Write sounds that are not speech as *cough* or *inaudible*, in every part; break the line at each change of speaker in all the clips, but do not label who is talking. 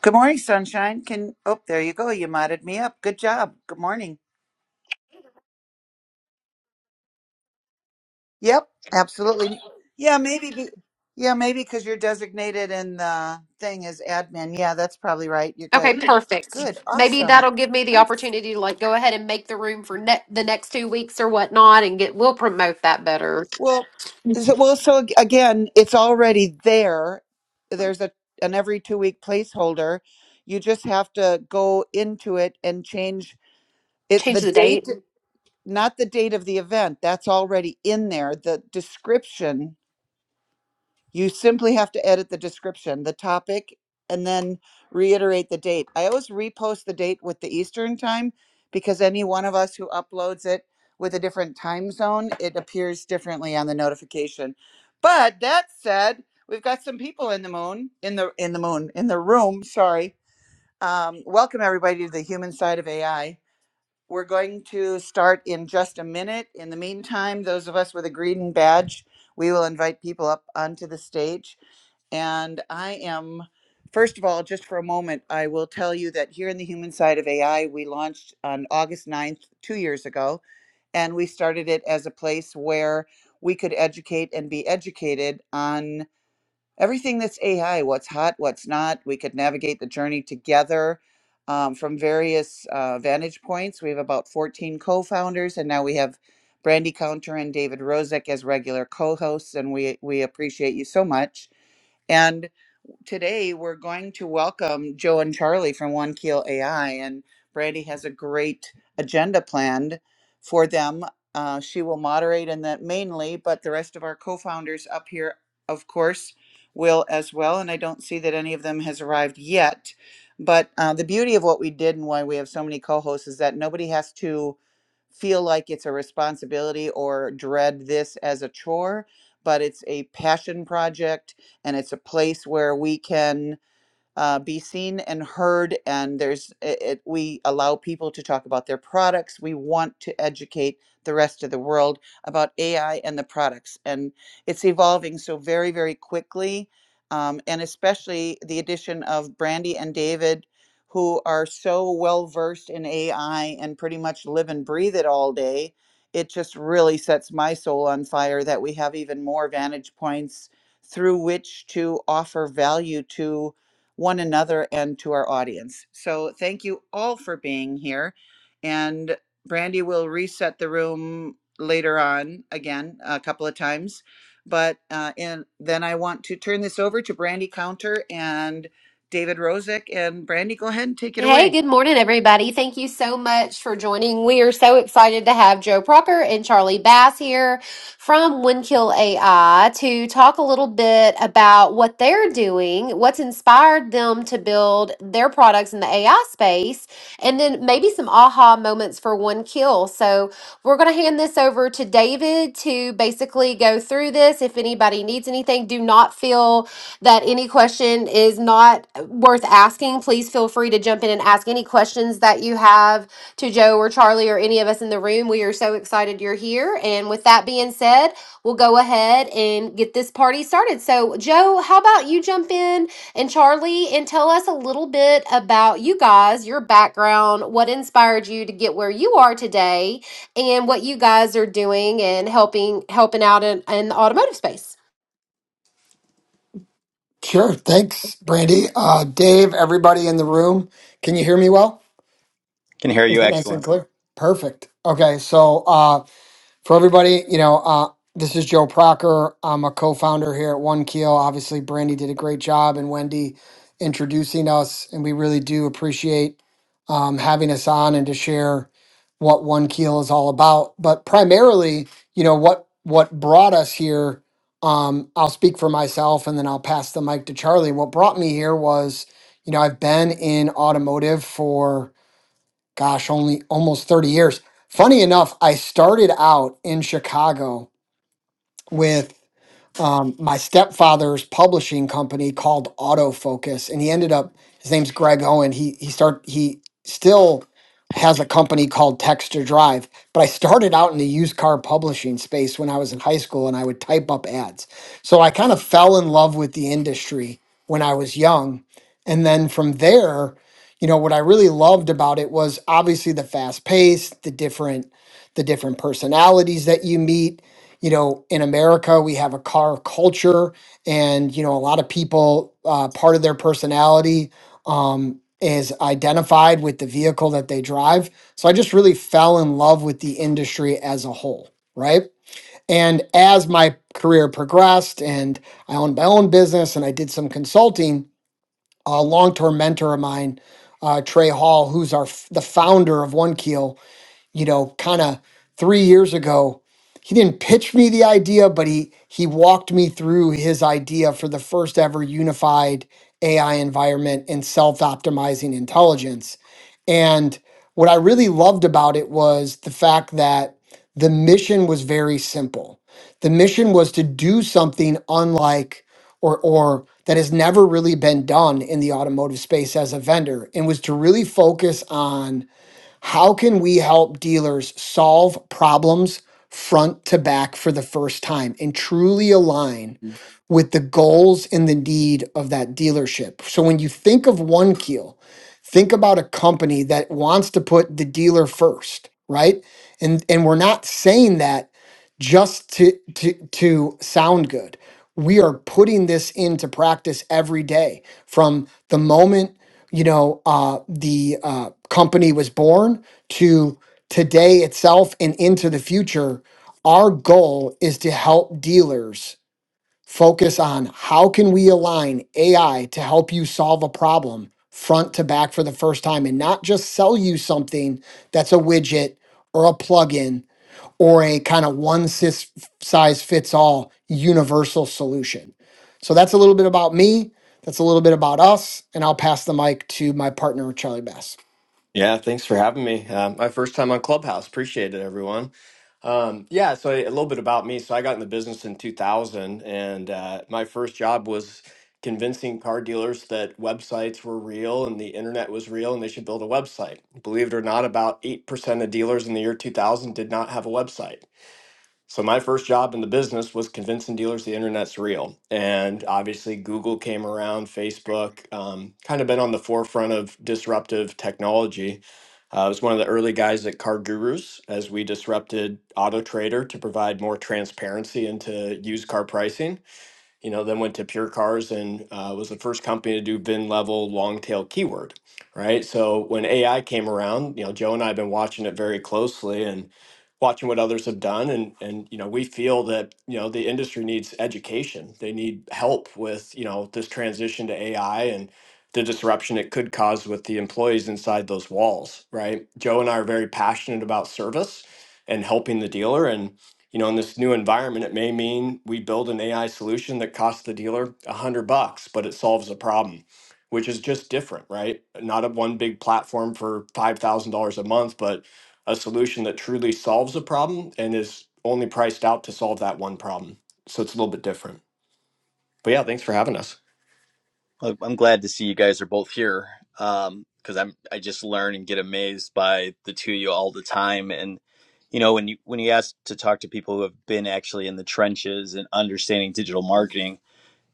Good morning, sunshine. Can oh, there you go. You modded me up. Good job. Good morning. Yep, absolutely. Yeah, maybe. Be, yeah, maybe because you're designated in the thing as admin. Yeah, that's probably right. You're good.
Okay, perfect.
Good.
Maybe
Awesome.
that'll give me the
I'm,
opportunity to like go ahead and make the room for ne- the next two weeks or whatnot, and get we'll promote that better.
well, so, well. So ag- again, it's already there. There's a an every two week placeholder. You just have to go into it and change it.
Change
The
the date.
date, not the date of the event. That's already in there. The description You simply have to edit the description, the topic, and then reiterate the date. I always repost the date with the Eastern time because any one of us who uploads it with a different time zone, it appears differently on the notification. But that said, we've got some people in the moon, in the in the moon, in the room, sorry. Um, welcome everybody to the human side of AI. We're going to start in just a minute. In the meantime, those of us with a green badge, we will invite people up onto the stage. And I am, first of all, just for a moment, I will tell you that here in the human side of AI, we launched on August ninth, two years ago, and we started it as a place where we could educate and be educated on everything that's AI, what's hot, what's not. We could navigate the journey together. um, from various uh, vantage points. We have about 14 co founders, and now we have Brandy Counter and David Rozek as regular co hosts, and we, we appreciate you so much. and today we're going to welcome Joe and Charlie from One Keel AI, and Brandy has a great agenda planned for them. Uh, she will moderate in that mainly, but the rest of our co-founders up here, of course, will as well. And I don't see that any of them has arrived yet. But uh, the beauty of what we did and why we have so many co-hosts is that nobody has to feel like it's a responsibility or dread this as a chore, but it's a passion project and it's a place where we can uh, be seen and heard and there's it, it, we allow people to talk about their products we want to educate the rest of the world about ai and the products and it's evolving so very very quickly um, and especially the addition of brandy and david who are so well versed in ai and pretty much live and breathe it all day it just really sets my soul on fire that we have even more vantage points through which to offer value to one another and to our audience. So thank you all for being here. And Brandy will reset the room later on again a couple of times. But uh, and then I want to turn this over to Brandy Counter and David Rosick. And Brandy, go ahead and take it
Hey,
away.
good morning, everybody. Thank you so much for joining. We are so excited to have Joe Procker and Charlie Bass here from Windkill AI to talk a little bit about what they're doing, what's inspired them to build their products in the AI space, and then maybe some aha moments for Windkill. So we're going to hand this over to David to basically go through this. If anybody needs anything, do not feel that any question is not worth asking, please feel free to jump in and ask any questions that you have to Joe or Charlie or any of us in the room. We are so excited you're here. And with that being said, we'll go ahead and get this party started. So, Joe, how about you jump in and Charlie and tell us a little bit about you guys, your background, what inspired you to get where you are today, and what you guys are doing and helping helping out in, in the automotive space.
Sure. Thanks, Brandy. Uh, Dave, everybody in the room, can you hear me well?
Can hear
Is
you.
it nice and
Excellent.
clear? Perfect. Okay. So, uh, for everybody, you know, uh, this is Joe Procker. I'm a co-founder here at One Keel. Obviously, Brandy did a great job, and Wendy introducing us, and we really do appreciate um, having us on and to share what One Keel is all about. But primarily, you know, what what brought us here. Um, I'll speak for myself, and then I'll pass the mic to Charlie. What brought me here was, you know, I've been in automotive for gosh, only almost 30 years. Funny enough, I started out in Chicago with um, my stepfather's publishing company called Autofocus, and he ended up. His name's Greg Owen. He he start he still has a company called Text to Drive. But I started out in the used car publishing space when I was in high school, and I would type up ads. So I kind of fell in love with the industry when I was young, and then from there, you know, what I really loved about it was obviously the fast pace, the different the different personalities that you meet you know, in America, we have a car culture, and you know, a lot of people, uh, part of their personality um, is identified with the vehicle that they drive. So I just really fell in love with the industry as a whole, right? And as my career progressed, and I owned my own business, and I did some consulting, a long-term mentor of mine, uh, Trey Hall, who's our f- the founder of One Keel you know, kind of three years ago. He didn't pitch me the idea, but he he walked me through his idea for the first ever unified AI environment and self-optimizing intelligence. And what I really loved about it was the fact that the mission was very simple. The mission was to do something unlike or or that has never really been done in the automotive space as a vendor and was to really focus on how can we help dealers solve problems front to back for the first time and truly align with the goals and the need of that dealership? So when you think of one keel, think about a company that wants to put the dealer first, right? And and we're not saying that just to to to sound good. We are putting this into practice every day from the moment you know uh, the uh, company was born to today itself and into the future. Our goal is to help dealers focus on how can we align AI to help you solve a problem front to back for the first time and not just sell you something that's a widget or a plugin or a kind of one sis- size fits all universal solution. So that's a little bit about me. That's a little bit about us. And I'll pass the mic to my partner, Charlie Bass.
Yeah, thanks for having me. Um, my first time on Clubhouse. Appreciate it, everyone. Um, yeah, so a little bit about me. So I got in the business in 2000, and uh, my first job was convincing car dealers that websites were real and the internet was real and they should build a website. Believe it or not, about 8% of dealers in the year 2000 did not have a website. So my first job in the business was convincing dealers the internet's real, and obviously Google came around, Facebook, um, kind of been on the forefront of disruptive technology. Uh, I was one of the early guys at Car Gurus as we disrupted Auto Trader to provide more transparency into used car pricing you know, then went to Pure Cars and uh, was the first company to do VIN level long tail keyword, right? So when AI came around, you know, Joe and I have been watching it very closely and watching what others have done, and and you know, we feel that you know the industry needs education. They need help with you know this transition to AI and the disruption it could cause with the employees inside those walls, right? Joe and I are very passionate about service and helping the dealer and you know, in this new environment, it may mean we build an AI solution that costs the dealer a hundred bucks, but it solves a problem, which is just different, right? Not a one big platform for five thousand dollars a month, but a solution that truly solves a problem and is only priced out to solve that one problem. So it's a little bit different. But yeah, thanks for having us.
Look, I'm glad to see you guys are both here um, because I'm I just learn and get amazed by the two of you all the time. And you know when you when you ask to talk to people who have been actually in the trenches and understanding digital marketing,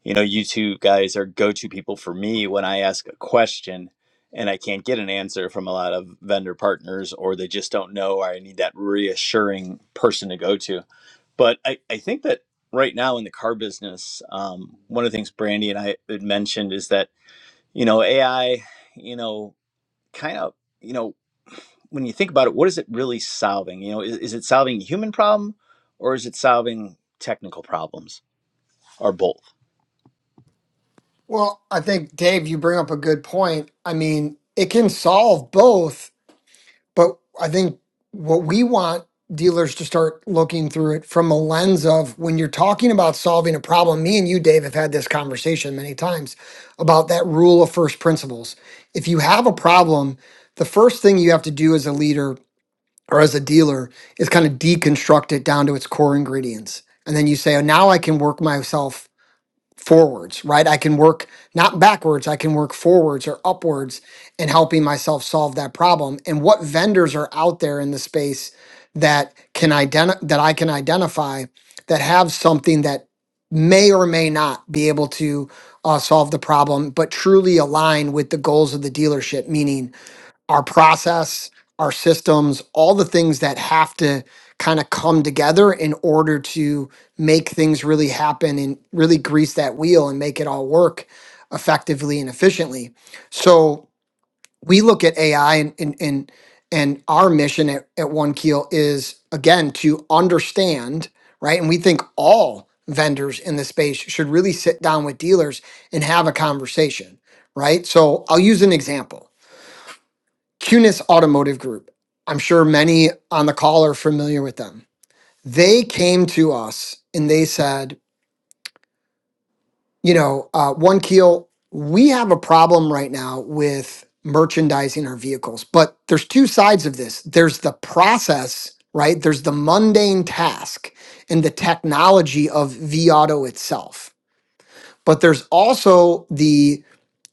you know you two guys are go to people for me when I ask a question and I can't get an answer from a lot of vendor partners or they just don't know or I need that reassuring person to go to But I, I think that right now in the car business, um, one of the things Brandy and I had mentioned is that, you know, AI, you know, kind of, you know, when you think about it, what is it really solving? You know, is, is it solving a human problem or is it solving technical problems or both?
Well, I think, Dave, you bring up a good point. I mean, it can solve both But I think what we want dealers to start looking through it from a lens of when you're talking about solving a problem, me and you, Dave, have had this conversation many times about that rule of first principles. If you have a problem, the first thing you have to do as a leader or as a dealer is kind of deconstruct it down to its core ingredients. And then you say, oh, now I can work myself forwards, right? I can work not backwards, I can work forwards or upwards in helping myself solve that problem. And what vendors are out there in the space that can identify that I can identify that have something that may or may not be able to uh, solve the problem, but truly align with the goals of the dealership, meaning our process, our systems, all the things that have to kind of come together in order to make things really happen and really grease that wheel and make it all work effectively and efficiently. So we look at AI and and and, and our mission at, at One Keel is again to understand, right? And we think all vendors in the space should really sit down with dealers and have a conversation, right? So I'll use an example Cunis Automotive Group. I'm sure many on the call are familiar with them. They came to us and they said, you know, uh, One Keel, we have a problem right now with merchandising our vehicles, but there's two sides of this. There's the process, right? There's the mundane task and the technology of V Auto itself. But there's also the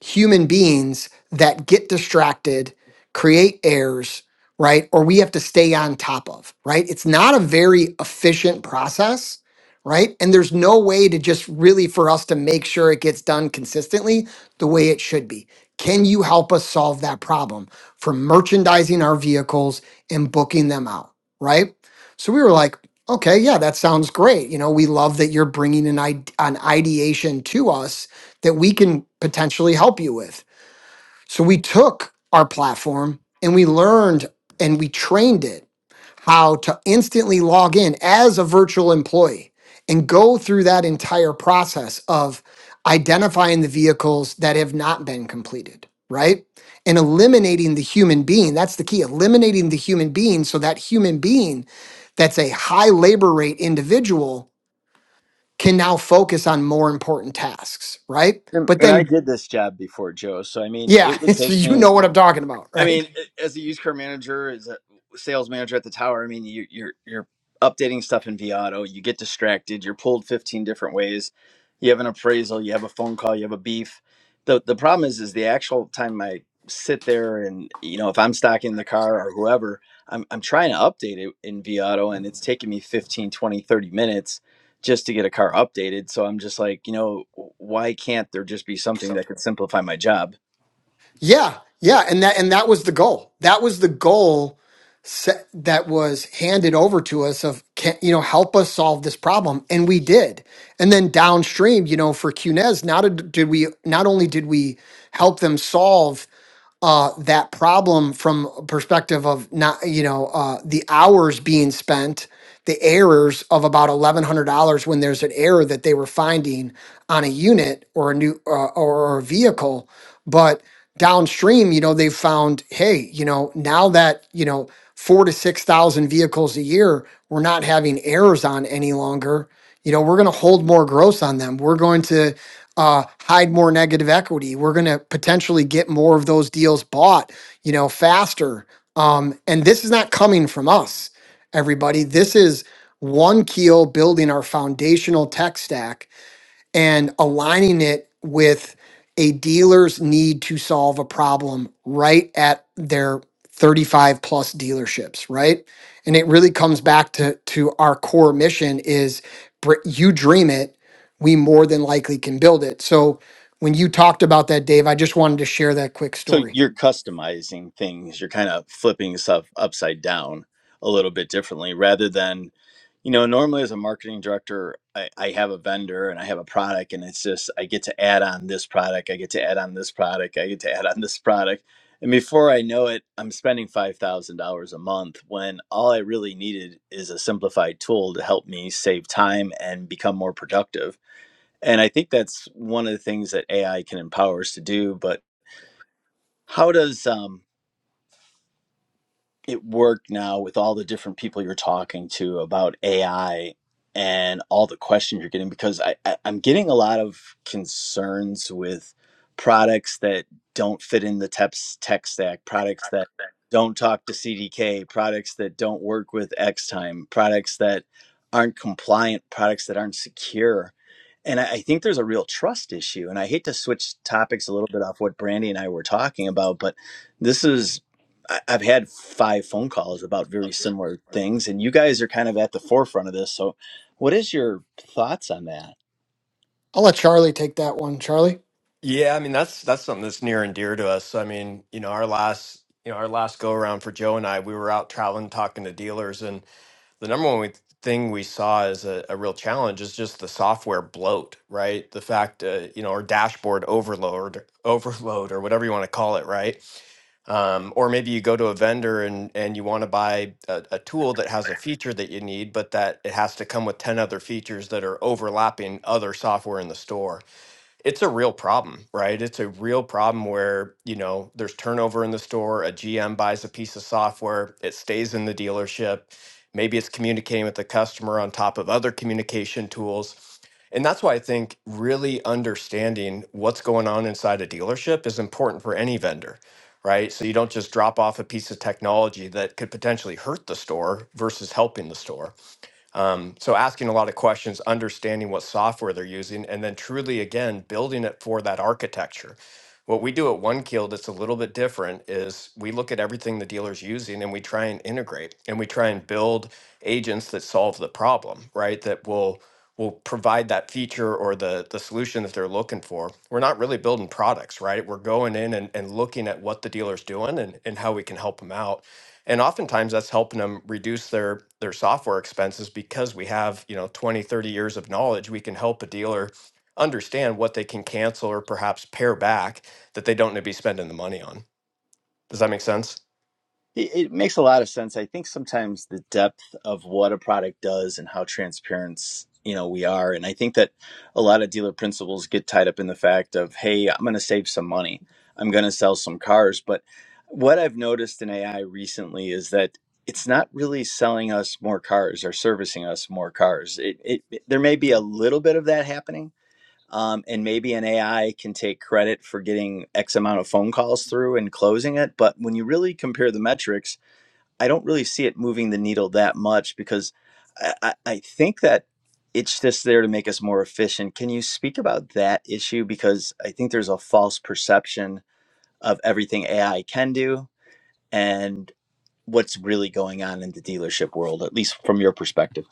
human beings that get distracted, create errors, right? Or we have to stay on top of, right? It's not a very efficient process, right? And there's no way to just really for us to make sure it gets done consistently the way it should be. Can you help us solve that problem from merchandising our vehicles and booking them out, right? So we were like, Okay, yeah, that sounds great. You know, we love that you're bringing an id- an ideation to us that we can potentially help you with. So we took our platform and we learned and we trained it how to instantly log in as a virtual employee and go through that entire process of identifying the vehicles that have not been completed, right? And eliminating the human being. That's the key, eliminating the human being so that human being that's a high labor rate individual can now focus on more important tasks, right?
And,
But
and I
then,
did this job before, Joe. So, I mean,
yeah,
it would
*laughs* so
take
you
me
know what I'm talking about,
I
right?
mean, as a used car manager, as a sales manager at the tower, I mean, you, you're you're updating stuff in Viato. You get distracted. You're pulled 15 different ways. You have an appraisal. You have a phone call. You have a beef. the The problem is, is the actual time I sit there and you know if I'm stocking the car or whoever, I'm I'm trying to update it in Viato, and it's taking me 15, 20, 30 minutes just to get a car updated. So I'm just like, you know, why can't there just be something that could simplify my job?
Yeah, yeah, and that and that was the goal. That was the goal set, that was handed over to us of can you know help us solve this problem, and we did. And then downstream, you know, for Cunez, not a- did we not only did we help them solve uh, that problem from a perspective of not you know uh, the hours being spent. The errors of about eleven hundred dollars when there's an error that they were finding on a unit or a new uh, or a vehicle, but downstream, you know, they've found, hey, you know, now that, you know, four to 6,000 vehicles a year, we're not having errors on any longer. You know, we're going to hold more gross on them. We're going to uh, hide more negative equity. We're going to potentially get more of those deals bought, you know, faster. Um, and this is not coming from us, everybody. This is one keel building our foundational tech stack and aligning it with a dealer's need to solve a problem right at their 35 plus dealerships right and it really comes back to to our core mission is br- you dream it we more than likely can build it so when you talked about that dave i just wanted to share that quick
So
story
you're customizing things, you're kind of flipping stuff upside down a little bit differently rather than, you know, normally as a marketing director, I, I have a vendor and I have a product and it's just I get to add on this product, I get to add on this product, I get to add on this product. And before I know it, I'm spending $5,000 a month when all I really needed is a simplified tool to help me save time and become more productive. And I think that's one of the things that AI can empower us to do. But how does um, It work now with all the different people you're talking to about AI and all the questions you're getting because I, I, I'm getting a lot of concerns with products that don't fit in the tech, tech stack, products that don't talk to CDK, products that don't work with Xtime, products that aren't compliant, products that aren't secure. And I I think there's a real trust issue. And I hate to switch topics a little bit off what Brandy and I were talking about, but this is I- have had five phone calls about very similar things, and you guys are kind of at the forefront of this. So, what is your thoughts on that?
i'll let charlie take that one charlie
Yeah, I mean that's that's something that's near and dear to us. I mean, you know, our last you know our last go around for Joe and I, we were out traveling, talking to dealers, and the number one we, thing we saw as a, a real challenge is just the software bloat, right? The fact, uh, you know, or dashboard overload, overload, or whatever you want to call it, right? Um, or maybe you go to a vendor and, and you want to buy a, a tool that has a feature that you need, but that it has to come with 10 other features that are overlapping other software in the store it's a real problem, right? It's a real problem where, you know, there's turnover in the store, a GM buys a piece of software, it stays in the dealership. Maybe it's communicating with the customer on top of other communication tools. And that's why I think really understanding what's going on inside a dealership is important for any vendor, right? So you don't just drop off a piece of technology that could potentially hurt the store versus helping the store. Um, so asking a lot of questions, understanding what software they're using, and then truly again building it for that architecture. What we do at One Keel that's a little bit different is we look at everything the dealer's using and we try and integrate and we try and build agents that solve the problem, right? That will will provide that feature or the the solution that they're looking for. We're not really building products, right? We're going in and, and looking at what the dealer's doing and, and how we can help them out and oftentimes that's helping them reduce their their software expenses because we have you know 20 30 years of knowledge we can help a dealer understand what they can cancel or perhaps pare back that they don't need to be spending the money on does that make sense
It makes a lot of sense. I think sometimes the depth of what a product does and how transparent you know we are, and I think that a lot of dealer principals get tied up in the fact of, hey, I'm going to save some money, I'm going to sell some cars. But what I've noticed in AI recently is that it's not really selling us more cars or servicing us more cars. It, it, it- there may be a little bit of that happening. Um, and maybe an AI can take credit for getting X amount of phone calls through and closing it. But when you really compare the metrics, I don't really see it moving the needle that much because I, I, I think that it's just there to make us more efficient. Can you speak about that issue? Because I think there's a false perception of everything AI can do and what's really going on in the dealership world, at least from your perspective.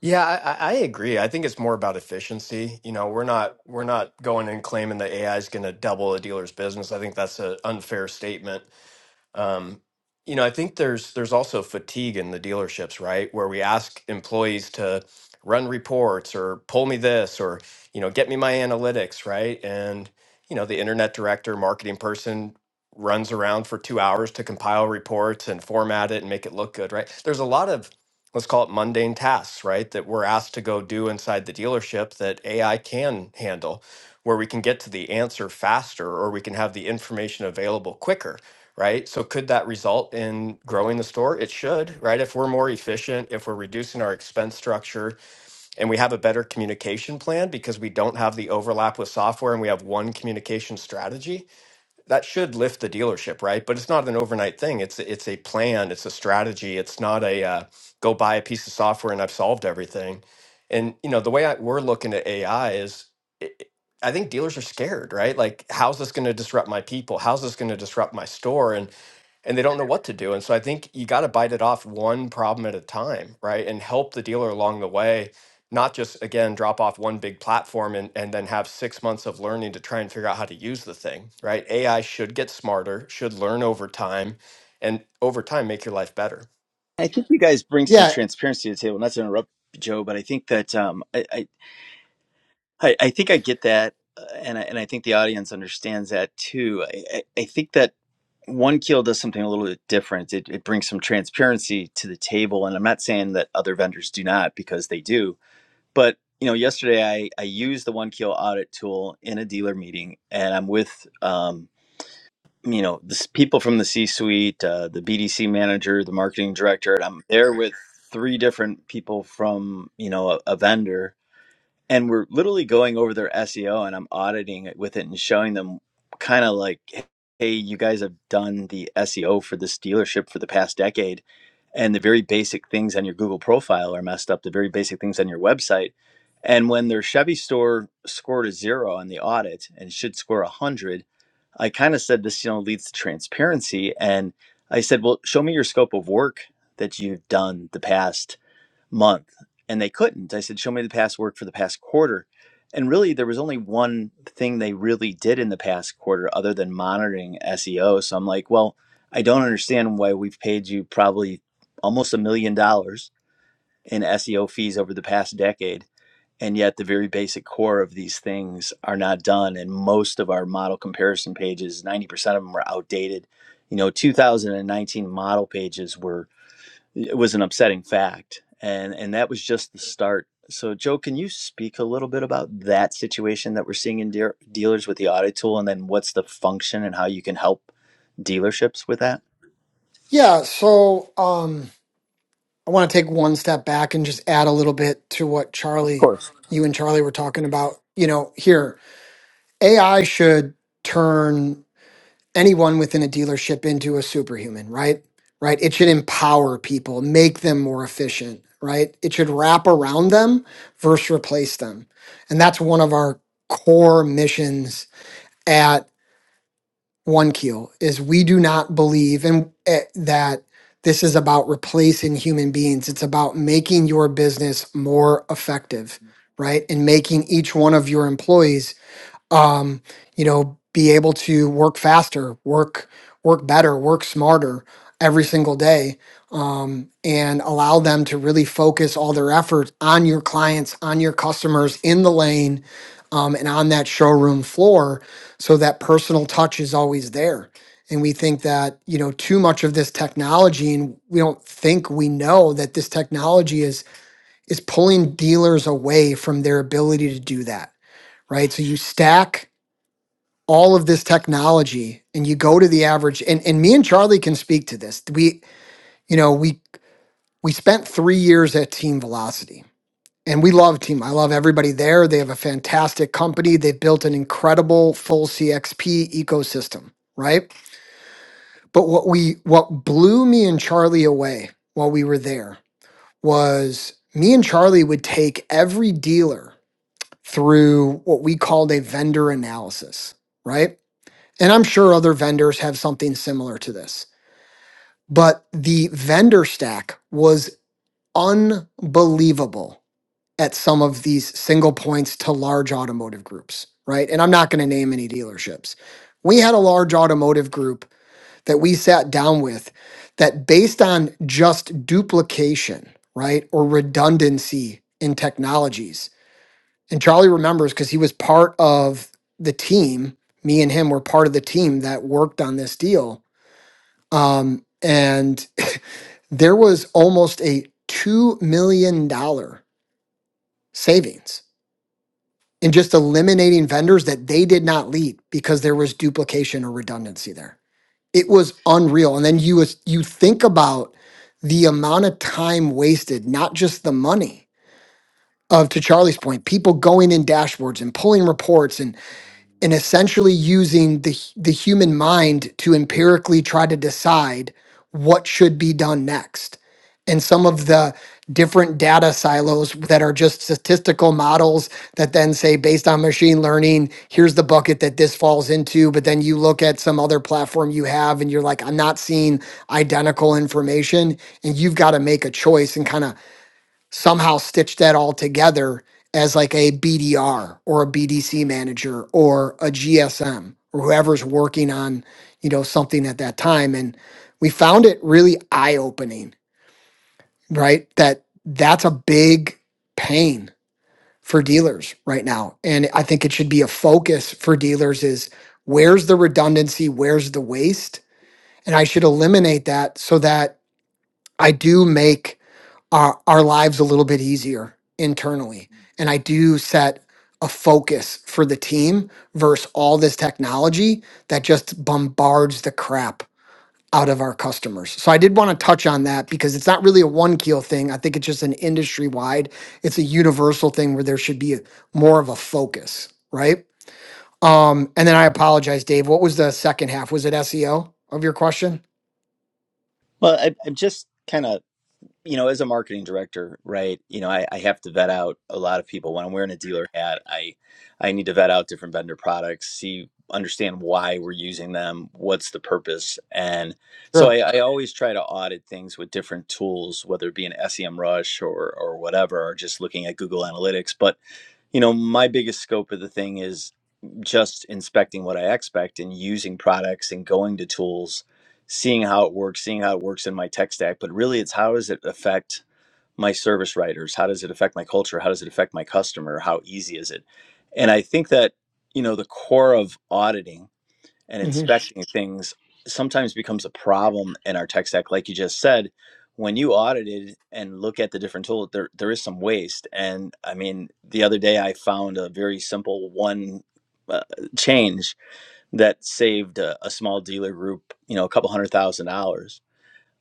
yeah i, I I agree i think it's more about efficiency you know we're not we're not going and claiming that ai is going to double a dealer's business i think that's an unfair statement Um, you know, I think there's there's also fatigue in the dealerships, right? Where we ask employees to run reports or pull me this or you know get me my analytics, right? And you know, the internet director, marketing person runs around for two hours to compile reports and format it and make it look good, right? There's a lot of let's call it mundane tasks, right? That we're asked to go do inside the dealership that AI can handle, where we can get to the answer faster or we can have the information available quicker right? So could that result in growing the store? It should, right? If we're more efficient, if we're reducing our expense structure and we have a better communication plan because we don't have the overlap with software and we have one communication strategy, that should lift the dealership, right? But it's not an overnight thing. It's it's a plan, it's a strategy. It's not a uh, go buy a piece of software and I've solved everything. And you know, the way I, we're looking at AI is it, I think dealers are scared, right? Like, how's this going to disrupt my people? How's this going to disrupt my store? And and they don't know what to do. And so I think you got to bite it off one problem at a time, right? And help the dealer along the way, not just again drop off one big platform and, and then have six months of learning to try and figure out how to use the thing, right? AI should get smarter, should learn over time, and over time make your life better.
I think you guys bring some
yeah
transparency to the table. Not to interrupt Joe, but I think that um, I, I I, I think I get that, uh, and I, and I think the audience understands that too. I, I, I think that one keel does something a little bit different. It, it brings some transparency to the table, and I'm not saying that other vendors do not because they do. But you know, yesterday I I used the one keel audit tool in a dealer meeting, and I'm with um you know the s- people from the C-suite, uh, the BDC manager, the marketing director, and I'm there with three different people from you know a, a vendor and we're literally going over their SEO and I'm auditing it with it and showing them kind of like hey you guys have done the SEO for this dealership for the past decade and the very basic things on your Google profile are messed up the very basic things on your website and when their Chevy store scored a 0 on the audit and should score a 100 I kind of said this you know leads to transparency and I said well show me your scope of work that you've done the past month and they couldn't. I said, Show me the past work for the past quarter. And really, there was only one thing they really did in the past quarter other than monitoring SEO. So I'm like, Well, I don't understand why we've paid you probably almost a million dollars in SEO fees over the past decade. And yet, the very basic core of these things are not done. And most of our model comparison pages, 90% of them are outdated. You know, 2019 model pages were it was an upsetting fact and and that was just the start so joe can you speak a little bit about that situation that we're seeing in dear dealers with the audit tool and then what's the function and how you can help dealerships with that
yeah so um, I want to take one step back and just add a little bit to what
Of
Charlie,
course.
you and Charlie were talking about. You know, here, AI should turn anyone within a dealership into a superhuman, right? Right? It should empower people, make them more efficient, right? It should wrap around them versus replace them. And that's one of our core missions one keel is we do not believe in eh, that this is about replacing human beings it's about making your business more effective right and making each one of your employees um, you know, be able to work faster, work work better, work smarter every single day, um, and allow them to really focus all their efforts on your clients, on your customers in the lane, um, and on that showroom floor, so that personal touch is always there. And we think that you know too much of this technology, and we don't think we know that this technology is is pulling dealers away from their ability to do that. Right. So you stack all of this technology and you go to the average and, and me and charlie can speak to this we you know we we spent three years at team velocity and we love team i love everybody there they have a fantastic company they've built an incredible full cxp ecosystem right but what we what blew me and charlie away while we were there was me and charlie would take every dealer through what we called a vendor analysis right And I'm sure other vendors have something similar to this, but the vendor stack was unbelievable at some of these single points to large automotive groups, right? And I'm not going to name any dealerships. We had a large automotive group that we sat down with that, based on just duplication, right, or redundancy in technologies, and Charlie remembers because he was part of the team, me and him were part of the team that worked on this deal Um, and *laughs* there was almost a $2 million dollar savings in just eliminating vendors that they did not lead because there was duplication or redundancy there. It was unreal. And then you, was- you think about the amount of time wasted, not just the money of, to Charlie's point, people going in dashboards and pulling reports and essentially using the hu- the human mind to empirically try to decide what should be done next and some of the different data silos that are just statistical models that then say based on machine learning here's the bucket that this falls into but then you look at some other platform you have and you're like I'm not seeing identical information and you've got to make a choice and kind of somehow stitch that all together as like a BDR or a BDC manager or a GSM or whoever's working on, you know, something at that time. And we found it really eye opening, right? That that's a big pain for dealers right now. And I think it should be a focus for dealers is where's the redundancy? Where's the waste? And I should eliminate that so that I do make our our lives a little bit easier internally. And I do set a focus for the team versus all this technology that just bombards the crap out of our customers. So I did want to touch on that because it's not really a one keel thing. I think it's just an industry wide. It's a universal thing where there should be a- more of a focus, right? Um, and then I apologize, Dave. What was the second half? Was it SEO of your question?
well I, i'm just kind of you know, as a marketing director, right, you know, I, I have to vet out a lot of people. When I'm wearing a dealer hat, I I need to vet out different vendor products, see understand why we're using them, what's the purpose. And so
Sure.
I, I always try to audit things with different tools, whether it be an SEM rush or or whatever, or just looking at Google Analytics. But you know, my biggest scope of the thing is just inspecting what I expect and using products and going to tools, seeing how it works, seeing how it works in my tech stack. But really, it's how does it affect my service writers? How does it affect my culture? How does it affect my customer? How easy is it? And I think that, you know, the core of auditing and
hmm
inspecting things sometimes becomes a problem in our tech stack. Like you just said, when you audited and look at the different tools, there there is some waste. And I mean, the other day I found a very simple one uh, change that saved a, a small dealer group, you know, a couple hundred thousand dollars.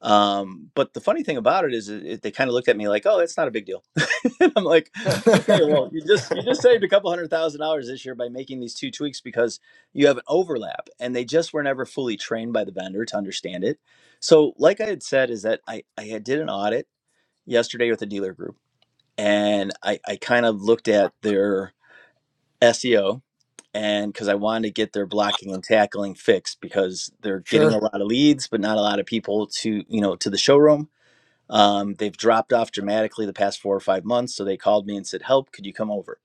Um, but the funny thing about it is, it, they kind of looked at me like, "Oh, it's not a big deal." *laughs* and I'm like,
Sure.
okay,
*laughs*
well, you just you just saved a couple hundred thousand dollars this year by making these two tweaks because you have an overlap, and they just were never fully trained by the vendor to understand it. So, like I had said, is that I I had did an audit yesterday with a dealer group, and I I kind of looked at their SEO and because I wanted to get their blocking and tackling fixed because they're getting a
sure.
lot of leads, but not a lot of people to you know to the showroom um, they've dropped off dramatically the past four or five months. So they called me and said, "Help! Could you come over?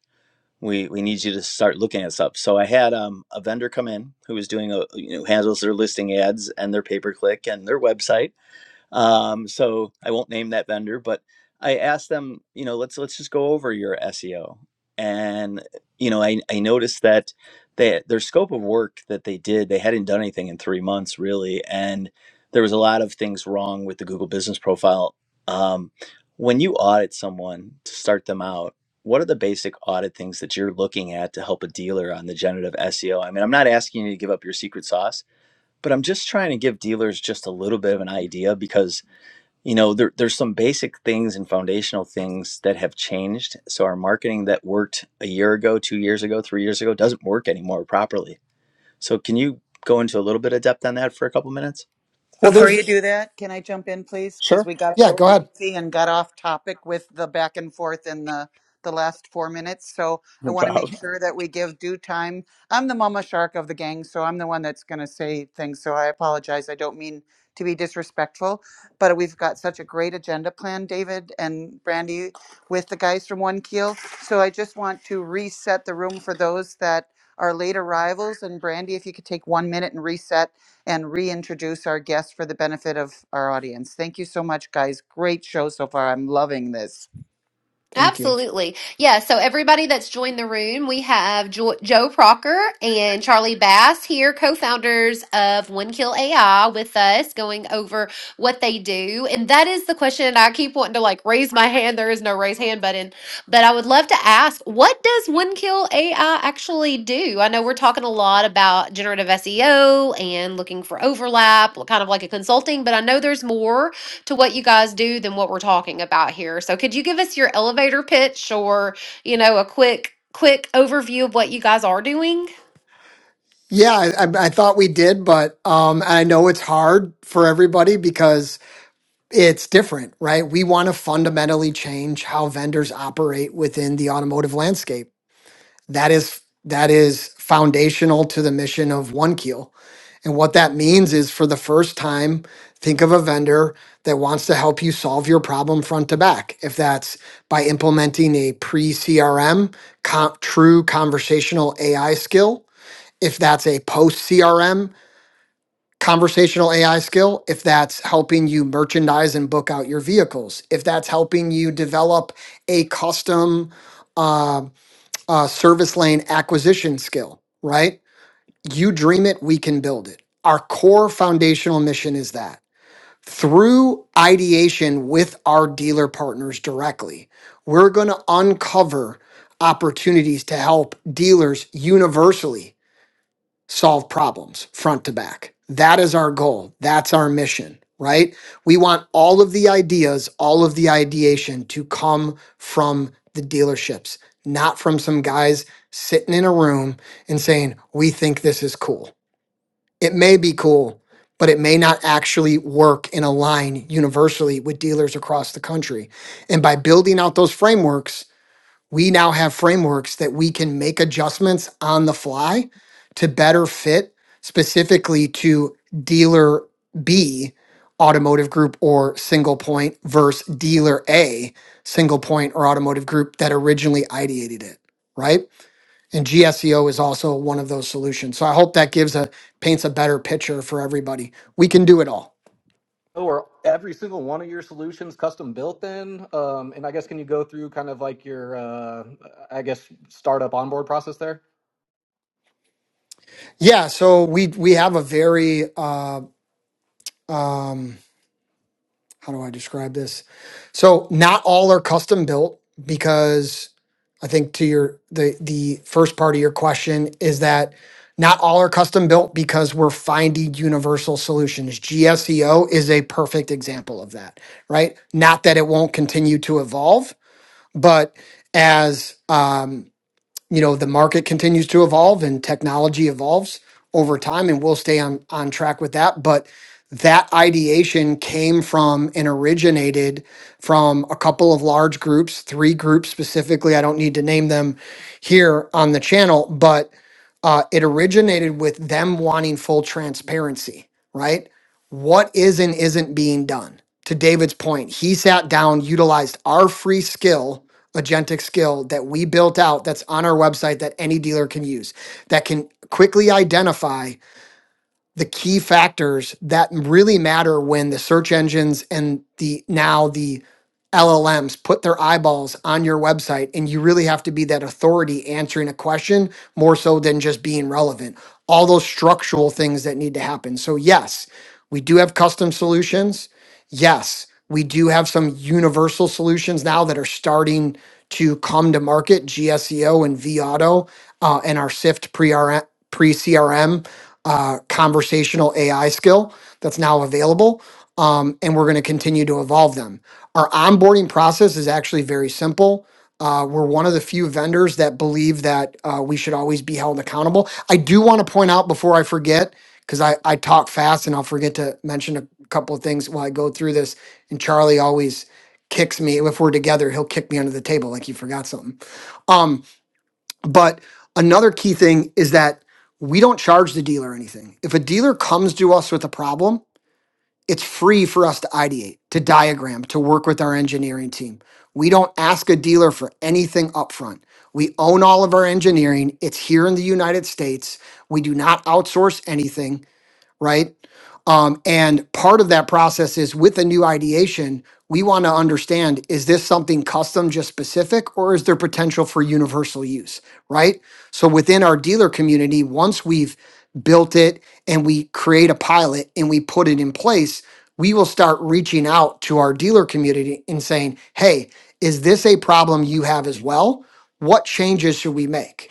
We we need you to start looking us up." So I had um, a vendor come in who was doing a you know handles their listing ads and their pay per click and their website um, so I won't name that vendor, but I asked them, you know, let's let's just go over your SEO. And you know, I, I noticed that they, their scope of work that they did, they hadn't done anything in three months really, and there was a lot of things wrong with the Google Business Profile. Um, when you audit someone to start them out, what are the basic audit things that you're looking at to help a dealer on the generative SEO? I mean, I'm not asking you to give up your secret sauce, but I'm just trying to give dealers just a little bit of an idea because you know there, there's some basic things and foundational things that have changed so our marketing that worked a year ago two years ago three years ago doesn't work anymore properly so can you go into a little bit of depth on that for a couple minutes
Well,
Before you
there's
do that, can I jump in, please? Because we got a
yeah.
little
Go ahead.
lengthy and got off topic with the back and forth in the, the last four minutes. So I want to make sure that we give due time. I'm the mama shark of the gang, so I'm the one that's going to say things. So I apologize. I don't mean to be disrespectful, but we've got such a great agenda plan, David and Brandy, with the guys from One Keel. So I just want to reset the room for those that are late arrivals. And Brandy, if you could take one minute and reset and reintroduce our guests for the benefit of our audience. Thank you so much, guys. Great show so far. I'm loving this.
Thank you.
Absolutely. Yeah. So, everybody that's joined the room, we have jo- Joe Procker and Charlie Bass here, co founders of One Kill AI, with us going over what they do. And that is the question I keep wanting to like raise my hand. There is no raise hand button, but I would love to ask what does One Kill AI actually do? I know we're talking a lot about generative SEO and looking for overlap, kind of like a consulting, but I know there's more to what you guys do than what we're talking about here. So could you give us your elevator pitch or, you know, a quick quick overview of what you guys are doing?
Yeah, I, I I thought we did, but um, I know it's hard for everybody because it's different, right? We want to fundamentally change how vendors operate within the automotive landscape. That is that is foundational to the mission of One Keel. And what that means is for the first time, think of a vendor that wants to help you solve your problem front to back. If that's by implementing a pre CRM, true conversational AI skill, if that's a post CRM conversational AI skill, if that's helping you merchandise and book out your vehicles, if that's helping you develop a custom uh, uh, service lane acquisition skill, right? You dream it, we can build it. Our core foundational mission is that through ideation with our dealer partners directly, we're going to uncover opportunities to help dealers universally solve problems front to back. That is our goal. That's our mission, right? We want all of the ideas, all of the ideation to come from the dealerships, not from some guys sitting in a room and saying, We think this is cool. It may be cool, but it may not actually work and align universally with dealers across the country. And by building out those frameworks, we now have frameworks that we can make adjustments on the fly to better fit specifically to dealer B automotive group or single point versus dealer A single point or automotive group that originally ideated it, right? And GSEO is also one of those solutions. So I hope that gives a paints a better picture for everybody. We can do it all.
Oh, are every single one of your solutions custom built then? Um, and I guess can you go through kind of like your, uh, I guess, startup onboard process there?
Yeah, so we we have a very uh um how do I describe this? So not all are custom built because I think to your the the first part of your question is that not all are custom built because we're finding universal solutions. GSEO is a perfect example of that, right? Not that it won't continue to evolve, but as um, you know the market continues to evolve and technology evolves over time and we'll stay on on track with that but that ideation came from and originated from a couple of large groups three groups specifically i don't need to name them here on the channel but uh, it originated with them wanting full transparency right what is and isn't being done to david's point he sat down utilized our free skill agentic skill that we built out that's on our website that any dealer can use that can quickly identify the key factors that really matter when the search engines and the now the LLMs put their eyeballs on your website and you really have to be that authority answering a question more so than just being relevant. All those structural things that need to happen. So yes, we do have custom solutions. Yes, we do have some universal solutions now that are starting to come to market, GSEO and VAuto uh, and our SIFT pre-CRM uh, conversational AI skill that's now available. Um, and we're going to continue to evolve them. Our onboarding process is actually very simple. Uh, we're one of the few vendors that believe that uh, we should always be held accountable. I do want to point out before I forget, because I, I talk fast and I'll forget to mention a couple of things while I go through this. And Charlie always kicks me. If we're together, he'll kick me under the table like he forgot something. Um, but another key thing is that we don't charge the dealer anything. If a dealer comes to us with a problem, it's free for us to ideate, to diagram, to work with our engineering team. We don't ask a dealer for anything upfront. We own all of our engineering. It's here in the United States. We do not outsource anything right? Um, and part of that process is with a new ideation, we want to understand is this something custom, just specific, or is there potential for universal use, right? So within our dealer community, once we've built it and we create a pilot and we put it in place, we will start reaching out to our dealer community and saying, hey, is this a problem you have as well? What changes should we make?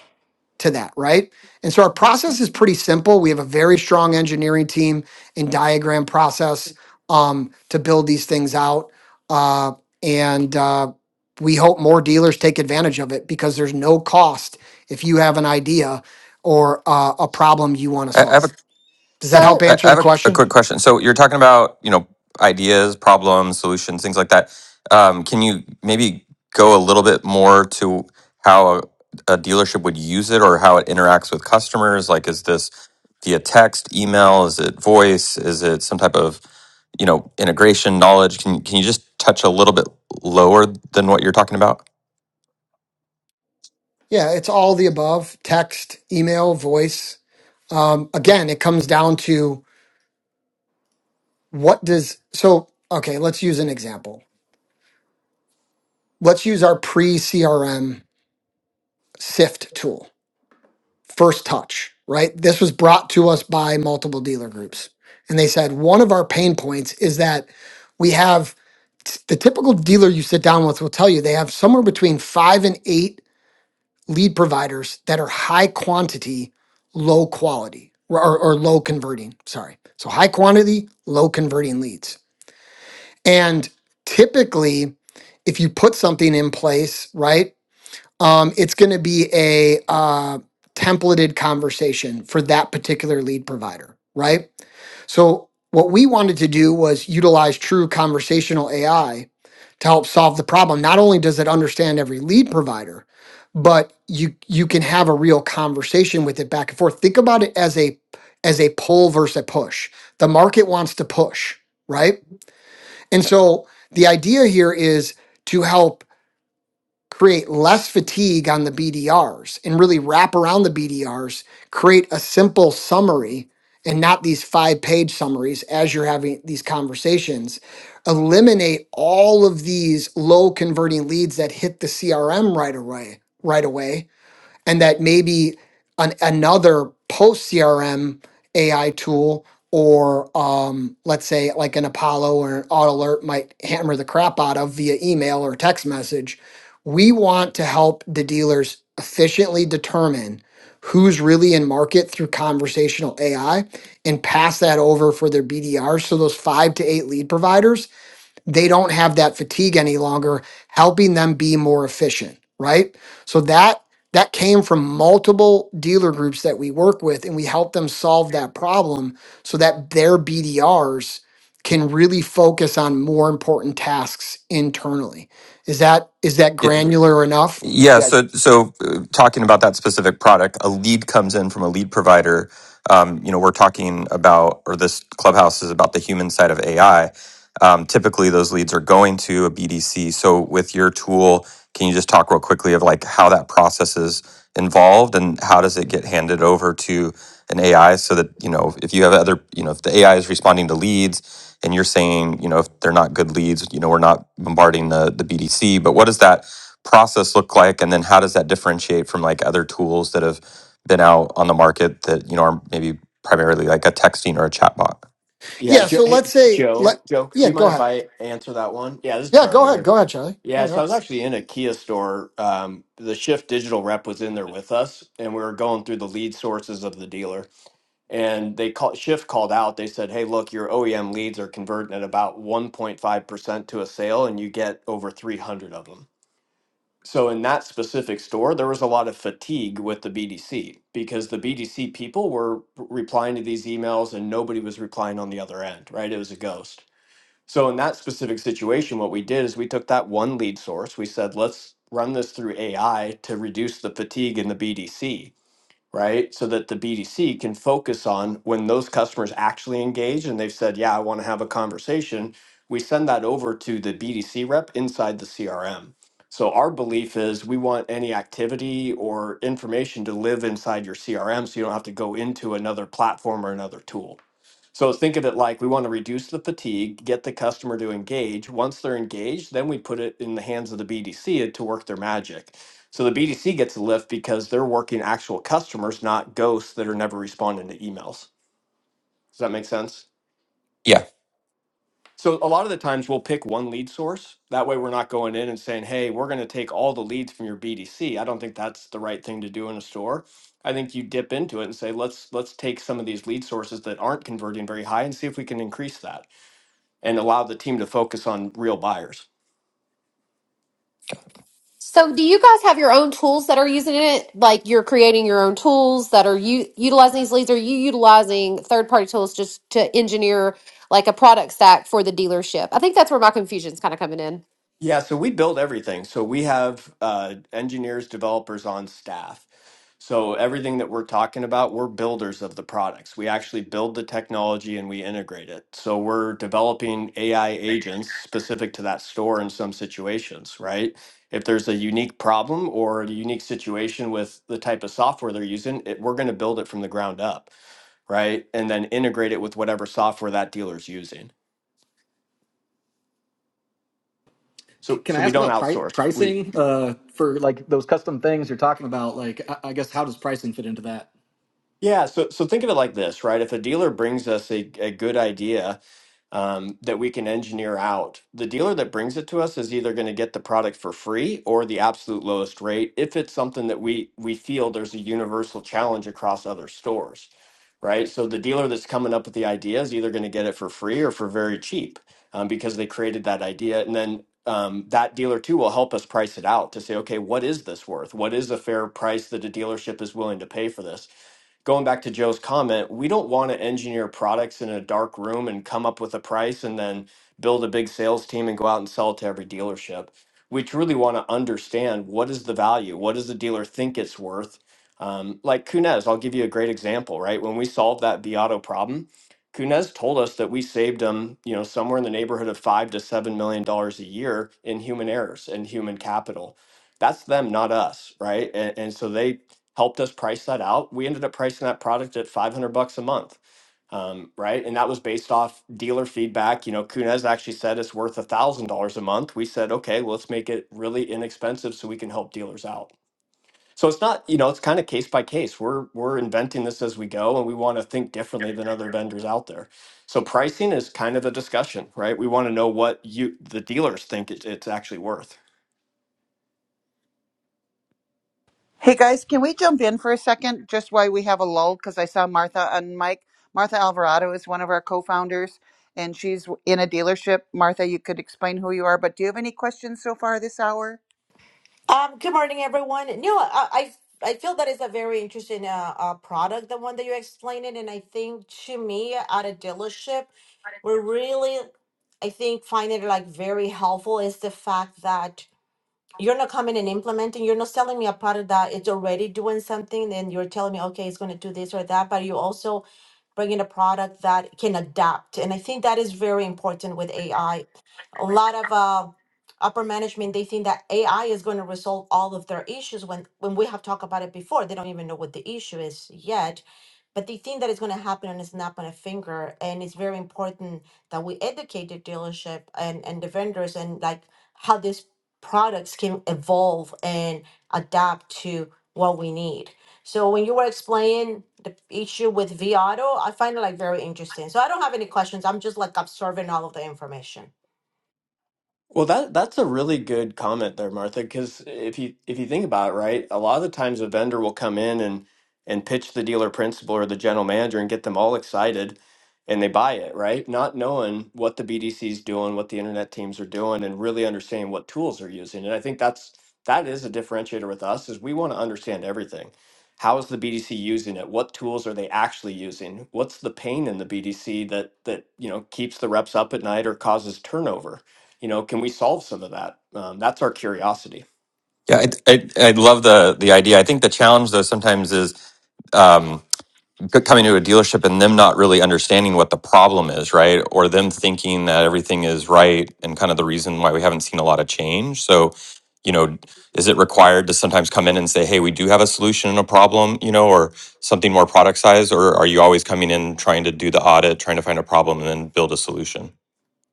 to that, right? And so our process is pretty simple. We have a very strong engineering team and diagram process um, to build these things out. Uh, and uh, we hope more dealers take advantage of it because there's no cost if you have an idea or uh, a problem you want to
I I have
solve. Does that
a,
help
So,
I I
answer the
have a, a
question?
quick question. So you're talking about you know ideas, problems, solutions, things like that. Um, can you maybe go a little bit more to how a, a dealership would use it or how it interacts with customers? Like, is this via text, email? Is it voice? Is it some type of you know integration knowledge? Can can you just touch a little bit lower than what you're talking about?
Yeah, it's all the above text, email, voice. Um, again, it comes down to what does so okay let's use an example let's use our pre-crm sift tool first touch right this was brought to us by multiple dealer groups and they said one of our pain points is that we have the typical dealer you sit down with will tell you they have somewhere between five and eight lead providers that are high quantity low quality or, or low converting sorry so high quantity low converting leads And typically, if you put something in place, right, um, it's going to be a uh, templated conversation for that particular lead provider, right? So, what we wanted to do was utilize true conversational AI to help solve the problem. Not only does it understand every lead provider, but you you can have a real conversation with it back and forth. Think about it as a as a pull versus a push. The market wants to push, right? And so the idea here is to help create less fatigue on the BDRs and really wrap around the BDRs, create a simple summary and not these five page summaries as you're having these conversations. Eliminate all of these low converting leads that hit the CRM right away, right away and that maybe an, another post CRM AI tool or um, let's say like an Apollo or an Auto Alert might hammer the crap out of via email or text message. We want to help the dealers efficiently determine who's really in market through conversational AI and pass that over for their BDR. So those five to eight lead providers they don't have that fatigue any longer helping them be more efficient right so that that came from multiple dealer groups that we work with and we help them solve that problem so that their bdrs can really focus on more important tasks internally is that is that
Yeah,
granular enough
Yeah, so so uh, talking about that specific product, a lead comes in from a lead provider. Um, you know, we're talking about, or this clubhouse is about the human side of AI. Um, typically, those leads are going to a BDC. So, with your tool, can you just talk real quickly of like how that process is involved and how does it get handed over to an AI so that you know if you have other, you know, if the AI is responding to leads and you're saying, you know, if they're not good leads, you know, we're not bombarding the the BDC. But what does that process look like and then how does that differentiate from like other tools that have been out on the market that you know are maybe primarily like a texting or a chatbot
Yeah.
yeah
Jo-
so
hey,
let's say
Joe,
let
Joe, do
yeah
you
go
mind if
ahead
I answer that one? Yeah, this is
yeah
Charlie
go ahead
here.
go ahead charlie
Yeah,
yeah
so I
go.
was actually in a Kia store. Um, the Shift Digital rep was in there with us, and we were going through the lead sources of the dealer. and they call Shift called out. They said, "Hey, look, your OEM leads are converting at about 1.5% to a sale, and you get over 300 of them." So in that specific store, there was a lot of fatigue with the BDC because the BDC people were replying to these emails and nobody was replying on the other end, right? It was a ghost. So in that specific situation, what we did is we took that one lead source. We said, "Let's run this through AI to reduce the fatigue in the BDC." right? So that the BDC can focus on when those customers actually engage and they've said, yeah, I want to have a conversation. We send that over to the BDC rep inside the CRM. So our belief is we want any activity or information to live inside your CRM so you don't have to go into another platform or another tool. So think of it like we want to reduce the fatigue, get the customer to engage. Once they're engaged, then we put it in the hands of the BDC to work their magic. So the BDC gets a lift because they're working actual customers, not ghosts that are never responding to emails. Does that make sense?
yeah
So a lot of the times we'll pick one lead source. That way we're not going in and saying, "Hey, we're going to take all the leads from your BDC." I don't think that's the right thing to do in a store. I think you dip into it and say, "Let's let's take some of these lead sources that aren't converting very high and see if we can increase that." and allow the team to focus on real buyers.
so do you guys have your own tools that are using it? Like you're creating your own tools that are you utilizing these leads? Or Are you utilizing third party tools just to engineer like a product stack for the dealership? I think that's where my confusion's kind of coming in.
Yeah, so we build everything. So we have uh, engineers, developers on staff. So everything that we're talking about, we're builders of the products. We actually build the technology and we integrate it. So we're developing AI agents specific to that store in some situations, right? If there's a unique problem or a unique situation with the type of software they're using, it, we're going to build it from the ground up, right? And then integrate it with whatever software that dealer's using.
C-
So,
Can I
so we
ask
don't
about pri
outsource. We
pricing uh, for like those custom things you're talking about? Like, I I guess, how does pricing fit into that?
yeah. So, so think of it like this, right? If a dealer brings us a, a good idea, um, that we can engineer out. The dealer that brings it to us is either going to get the product for free or the absolute lowest rate if it's something that we we feel there's a universal challenge across other stores, right? So the dealer that's coming up with the idea is either going to get it for free or for very cheap um, because they created that idea, and then. Um, that dealer too will help us price it out to say, okay, what is this worth? What is a fair price that a dealership is willing to pay for this? going back to Joe's comment, we don't want to engineer products in a dark room and come up with a price and then build a big sales team and go out and sell it to every dealership. We truly want to understand what is the value? What does the dealer think it's worth? Um, like Kunez, I'll give you a great example, right? When we solved that Viato problem, Kunez told us that we saved them, you know, somewhere in the neighborhood of five to seven million dollars a year in human errors and human capital. That's them, not us, right? And, and so they helped us price that out. We ended up pricing that product at 500 bucks a month. Um, right. And that was based off dealer feedback. You know, Kunez actually said it's worth a thousand dollars a month. We said, okay, well, let's make it really inexpensive so we can help dealers out. So it's not, you know, it's kind of case by case. We're we're inventing this as we go and we want to think differently than other vendors out there. So pricing is kind of a discussion, right? We want to know what you the dealers think it, it's actually worth.
Hey guys, can we jump in for a second just why we have a lull? Because I saw Martha and Mike. Martha Alvarado is one of our co founders and she's in a dealership. Martha, you could explain who you are, but do you have any questions so far this hour?
Um, good morning, everyone. No, I, I I feel that is a very interesting uh, uh product, the one that you explained it, and I think to me, at a dealership, we're really, I think, finding it like very helpful is the fact that you're not coming and implementing you're not selling me a product that it's already doing something then you're telling me okay it's going to do this or that but you also bring in a product that can adapt and i think that is very important with ai a lot of uh, upper management they think that ai is going to resolve all of their issues when when we have talked about it before they don't even know what the issue is yet but they think that it's going to happen on a snap on a finger and it's very important that we educate the dealership and and the vendors and like how this products can evolve and adapt to what we need. So when you were explaining the issue with V Auto, I find it like very interesting. So I don't have any questions. I'm just like observing all of the information.
Well, that that's a really good comment there, Martha, because if you if you think about it, right, a lot of the times a vendor will come in and and pitch the dealer principal or the general manager and get them all excited and they buy it, right? Not knowing what the BDC's doing, what the internet teams are doing, and really understanding what tools they're using. And I think that's that is a differentiator with us is we want to understand everything. How is the BDC using it? What tools are they actually using? What's the pain in the BDC that that, you know, keeps the reps up at night or causes turnover? You know, can we solve some of that? Um, that's our curiosity.
yeah i i, I love the the idea i think the challenge though sometimes is um coming to a dealership and them not really understanding what the problem is right or them thinking that everything is right and kind of the reason why we haven't seen a lot of change so you know is it required to sometimes come in and say hey we do have a solution and a problem you know or? something more product size, or are you always coming in trying to do the audit, trying to find a problem, and then build a solution?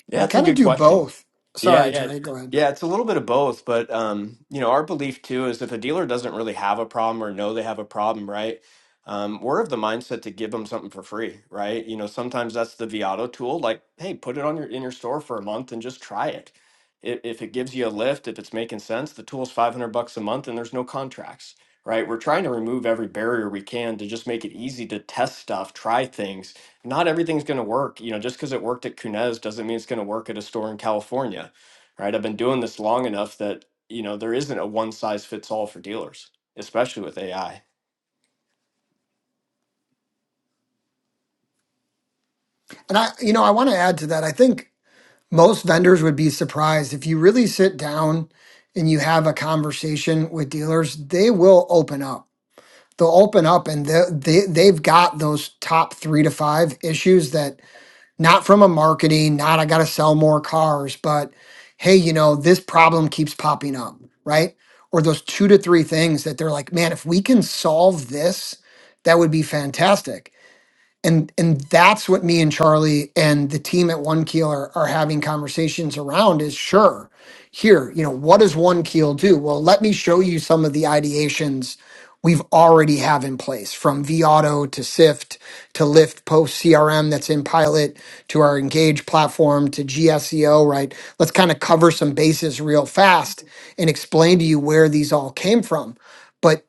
Yeah,
we
that's a
kind of
good
do
question.
both
Yeah,
sorry
yeah.
charlie go ahead
Yeah, it's a little bit of both, but um, you know, our belief too is if a dealer doesn't really have a problem or know they have a problem, right? Um, we're of the mindset to give them something for free, right? You know, sometimes that's the Viato tool, like, hey, put it on your in your store for a month and just try it. If, if it gives you a lift, if it's making sense, the tool's 500 bucks a month and there's no contracts, right? We're trying to remove every barrier we can to just make it easy to test stuff, try things, not everything's going to work. You know, just because it worked at Kunez doesn't mean it's going to work at a store in California, right? I've been doing this long enough that, you know, there isn't a one size fits all for dealers, especially with AI.
and i you know i want to add to that i think most vendors would be surprised if you really sit down and you have a conversation with dealers they will open up they'll open up and they, they they've got those top three to five issues that not from a marketing not i gotta sell more cars but hey you know this problem keeps popping up right or those two to three things that they're like man if we can solve this that would be fantastic and and that's what me and Charlie and the team at One Keel are, are having conversations around is sure here you know what does One Keel do well let me show you some of the ideations we've already have in place from vauto to sift to lift post crm that's in pilot to our engage platform to gseo right let's kind of cover some bases real fast and explain to you where these all came from but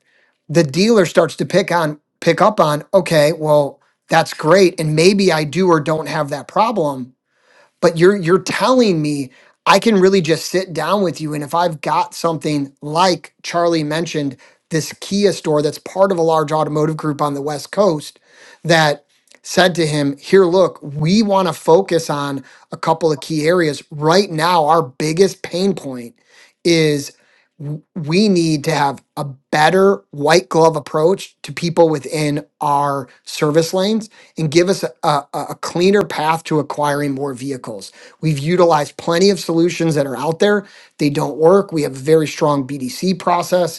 the dealer starts to pick on pick up on okay well that's great and maybe i do or don't have that problem but you're you're telling me i can really just sit down with you and if i've got something like charlie mentioned this kia store that's part of a large automotive group on the west coast that said to him here look we want to focus on a couple of key areas right now our biggest pain point w- we need to have a better white glove approach to people within our service lanes and give us a, a, a cleaner path to acquiring more vehicles. We've utilized plenty of solutions that are out there. They don't work. We have a very strong BDC process.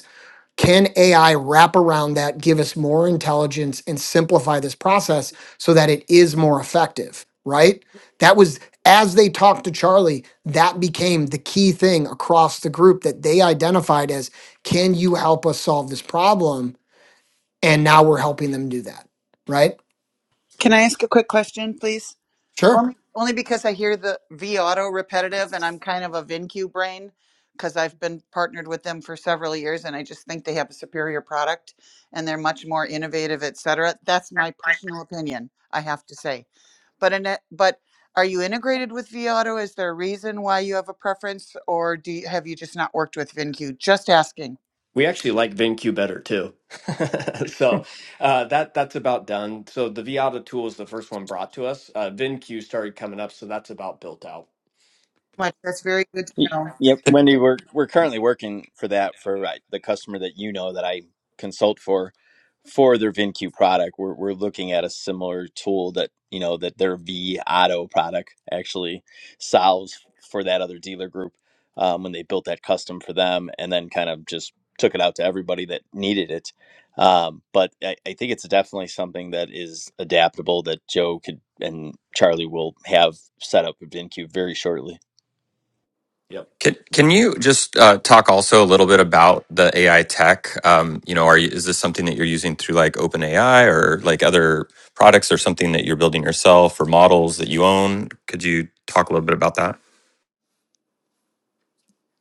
Can AI wrap around that, give us more intelligence, and simplify this process so that it is more effective? Right? That was as they talked to Charlie, that became the key thing across the group that they identified as can you help us solve this problem? And now we're helping them do that. Right?
Can I ask a quick question, please?
Sure.
Only, only because I hear the V Auto repetitive, and I'm kind of a VinQ brain because I've been partnered with them for several years, and I just think they have a superior product, and they're much more innovative, et cetera. That's my personal opinion. I have to say, but Annette, but are you integrated with V Auto? Is there a reason why you have a preference, or do you, have you just not worked with VinQ? Just asking.
We actually like VinQ better too. *laughs* so uh, that that's about done. So the Viata tool is the first one brought to us. Uh, VinQ started coming up, so that's about built out.
Much. That's very good to
Y-
know.
Yep,
Can,
Wendy, we're we're currently working for that for right, the customer that you know that I consult for for their VinQ product. We're we're looking at a similar tool that you know that their V Auto product actually solves for that other dealer group um, when they built that custom for them, and then kind of just took it out to everybody that needed it. Um, but I, I think it's definitely something that is adaptable that Joe could and Charlie will have set up with VinQ very shortly.
Yep.
Can can you just uh, talk also a little bit about the AI tech? Um, you know, are you, is this something that you're using through like OpenAI or like other products, or something that you're building yourself, or models that you own? Could you talk a little bit about that?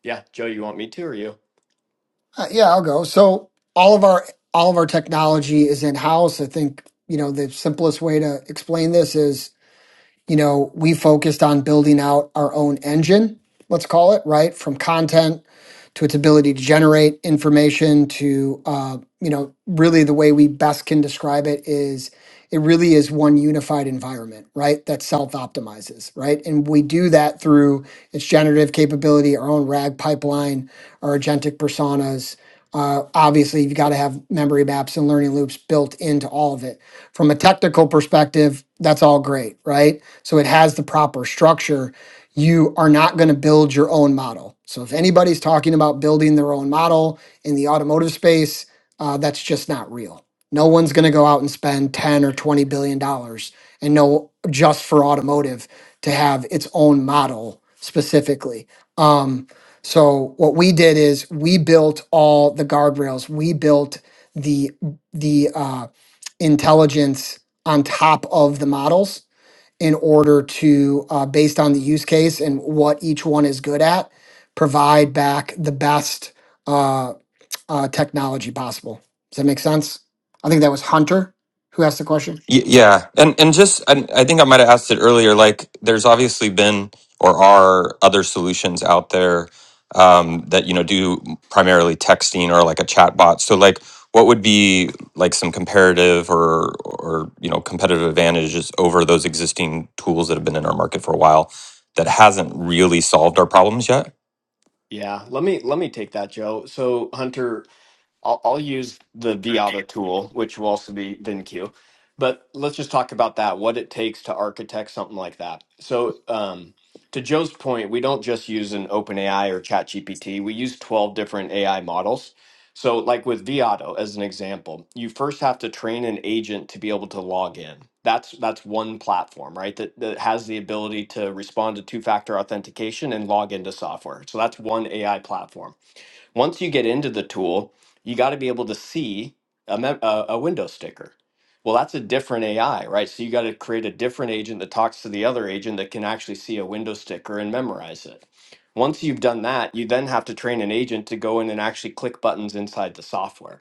Yeah, Joe, you want me to or you?
Uh, yeah, I'll go. So all of our all of our technology is in house. I think you know the simplest way to explain this is you know, we focused on building out our own engine, let's call it, right? From content to its ability to generate information to, uh, you know, really the way we best can describe it is it really is one unified environment, right? That self optimizes, right? And we do that through its generative capability, our own RAG pipeline, our agentic personas. Uh, obviously, you've got to have memory maps and learning loops built into all of it. From a technical perspective, that's all great, right? so it has the proper structure, you are not going to build your own model. So if anybody's talking about building their own model in the automotive space, uh, that's just not real. No one's going to go out and spend 10 or 20 billion dollars and no just for automotive to have its own model specifically. Um, so what we did is we built all the guardrails. We built the the uh, intelligence on top of the models in order to, uh, based on the use case and what each one is good at, provide back the best uh, uh, technology possible. Does that make sense? I think that was Hunter who asked the question.
Y- Yeah, and and just I, I think I might have asked it earlier. Like, there's obviously been or are other solutions out there um, that you know do primarily texting or like a chat bot. So, like, what would be like some comparative or or you know competitive advantages over those existing tools that have been in our market for a while that hasn't really solved our problems yet?
Yeah, let me let me take that, Joe. So Hunter, I'll, I'll use the Viata tool, which will also be VinQ. But let's just talk about that, what it takes to architect something like that. So, um, to Joe's point, we don't just use an OpenAI or ChatGPT. We use 12 different AI models. So, like with Viato as an example, you first have to train an agent to be able to log in. That's that's one platform, right? That, that has the ability to respond to two-factor authentication and log into software. So that's one AI platform once you get into the tool, you got to be able to see a, mem- a, a window sticker. Well, that's a different AI, right? So you got to create a different agent that talks to the other agent that can actually see a window sticker and memorize it. Once you've done that, you then have to train an agent to go in and actually click buttons inside the software.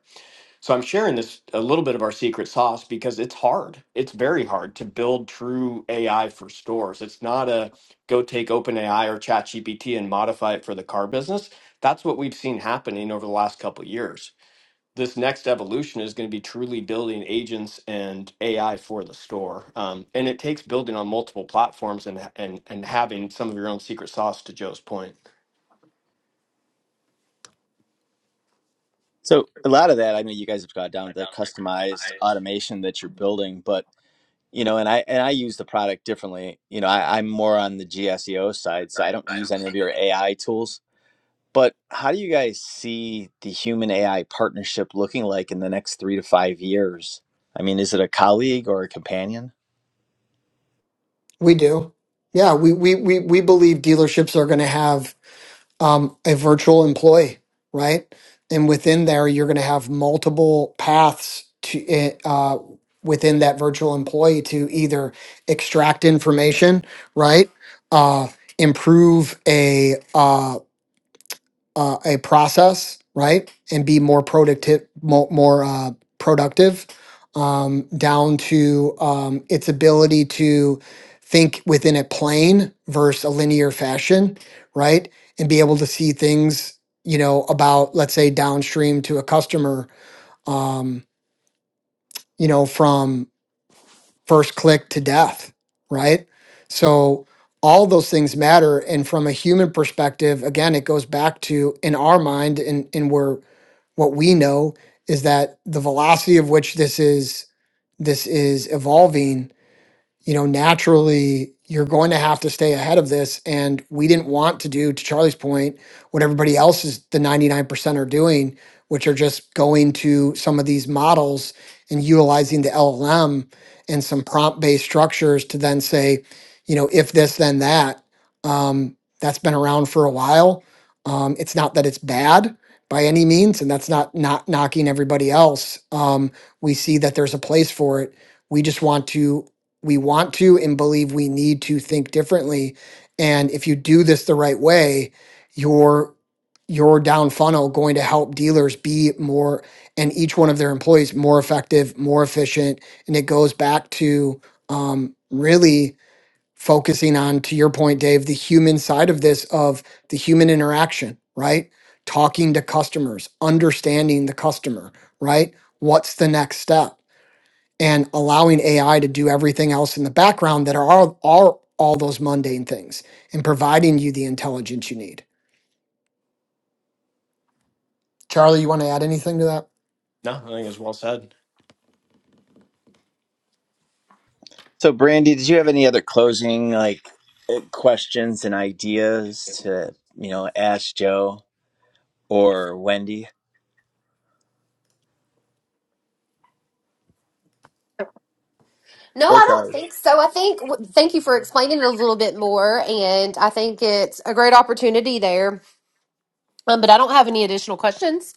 So I'm sharing this a little bit of our secret sauce because it's hard. It's very hard to build true AI for stores. It's not a go take OpenAI or ChatGPT and modify it for the car business. That's what we've seen happening over the last couple of years. This next evolution is going to be truly building agents and AI for the store, um, and it takes building on multiple platforms and and and having some of your own secret sauce. To Joe's point,
So a lot of that, I know you guys have got down the customized automation that you're building, but you know, and I and I use the product differently. You know, I, I'm more on the GSEO side, so I don't use any of your AI tools. But how do you guys see the human AI partnership looking like in the next three to five years? I mean, is it a colleague or a companion?
We do. Yeah, we we we, we believe dealerships are going to have um, a virtual employee, right? And within there, you're going to have multiple paths to eh, uh, within that virtual employee to either extract information, right? Uh, improve a uh, uh, a process, right, and be more productive, more, more uh, productive, um, down to um, its ability to think within a plane versus a linear fashion, right, and be able to see things, you know, about let's say downstream to a customer, um, you know, from first click to death, right? So all those things matter and from a human perspective again it goes back to in our mind and and where what we know is that the velocity of which this is this is evolving you know, naturally you're going to have to stay ahead of this. And we didn't want to do, to Charlie's point, what everybody else is the 99% are doing, which are just going to some of these models and utilizing the LLM and some prompt based structures to then say, you know, if this, then that. Um, that's been around for a while. Um, it's not that it's bad by any means, and that's not not knocking everybody else. Um, we see that there's a place for it we just want to we want to and believe we need to think differently. And if you do this the right way, your your down funnel going to help dealers be more and each one of their employees more effective, more efficient. And it goes back to um, really focusing on, to your point, Dave, the human side of this of the human interaction, right? Talking to customers, understanding the customer, right? What's the next step? and allowing AI to do everything else in the background that are all, are all those mundane things and providing you the intelligence you need. Charlie, you want to add anything to that?
no, I think it's well said.
So, Brandy, did you have any other closing like eh, questions and ideas to you know ask Joe or Wendy
No,
or
I don't
Charlie?
think so. I think w- thank you for explaining it a little bit more, and I think it's a great opportunity there. Um, but I don't have any additional questions.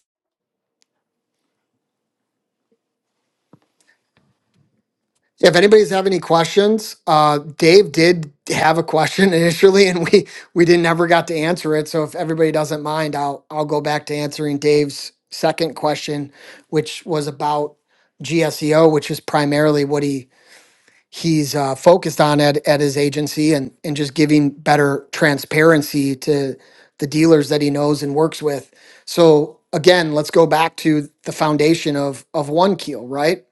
Yeah, if anybody's have any questions, uh, Dave did have a question *laughs* initially, and we we didn't ever got to answer it. So if everybody doesn't mind, I'll I'll go back to answering Dave's second question, which was about GSEO, which is primarily what he he's uh, focused on at, at his agency and, and just giving better transparency to the dealers that he knows and works with. So again, let's go back to the foundation of of one keel, right?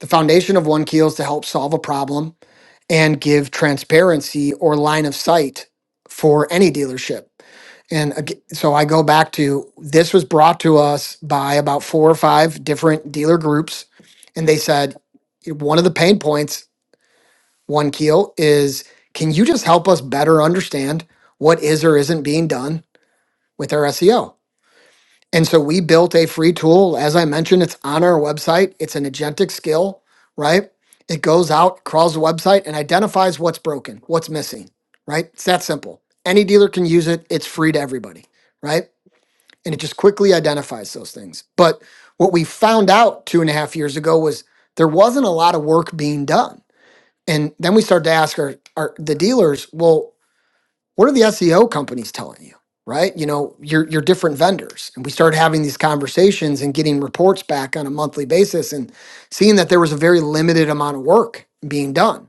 The foundation of one keel is to help solve a problem and give transparency or line of sight for any dealership. And ag- so I go back to this was brought to us by about four or five different dealer groups, and they said one of the pain points one keel is can you just help us better understand what is or isn't being done with our SEO? And so we built a free tool. As I mentioned, it's on our website. It's an agentic skill, right? It goes out, crawls the website, and identifies what's broken, what's missing, right? It's that simple. Any dealer can use it. It's free to everybody, right? And it just quickly identifies those things. But what we found out two and a half years ago was there wasn't a lot of work being done and then we start to ask our, our the dealers, well, what are the SEO companies telling you? Right? You know, your your different vendors. And we started having these conversations and getting reports back on a monthly basis and seeing that there was a very limited amount of work being done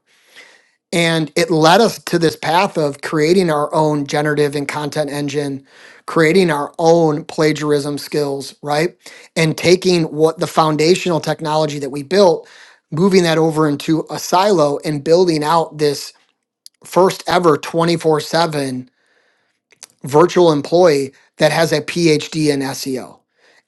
and it led us to this path of creating our own generative and content engine, creating our own plagiarism skills, right? And taking what the foundational technology that we built, moving that over into a silo and building out this first ever 24 7 virtual employee that has a PhD in SEO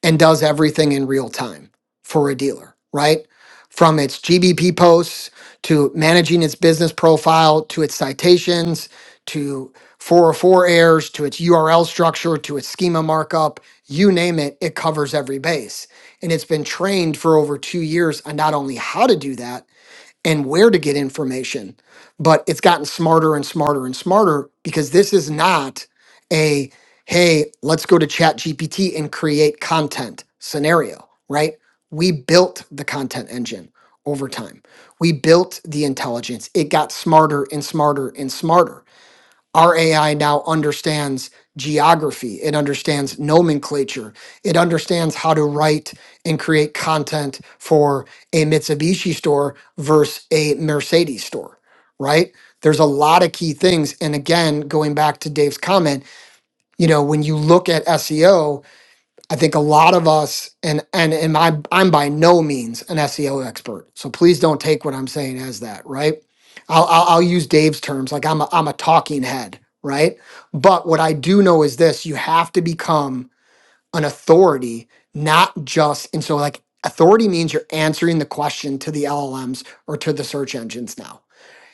and does everything in real time for a dealer, right? From its GBP posts to managing its business profile to its citations to 404 errors to its URL structure to its schema markup, you name it, it covers every base. And it's been trained for over two years on not only how to do that, and where to get information. But it's gotten smarter and smarter and smarter because this is not a hey, let's go to Chat GPT and create content scenario, right? We built the content engine over time. We built the intelligence. It got smarter and smarter and smarter our AI now understands geography, it understands nomenclature, it understands how to write and create content for a Mitsubishi store versus a Mercedes store, right? There's a lot of key things. And again, going back to Dave's comment, you know, when you look at SEO, I think a lot of us, and and and I'm I'm by no means an SEO expert, so please don't take what I'm saying as that. Right? I'll I'll, I'll use Dave's terms, like I'm a, I'm a talking head, right? But what I do know is this: you have to become an authority, not just and so like authority means you're answering the question to the LLMs or to the search engines now.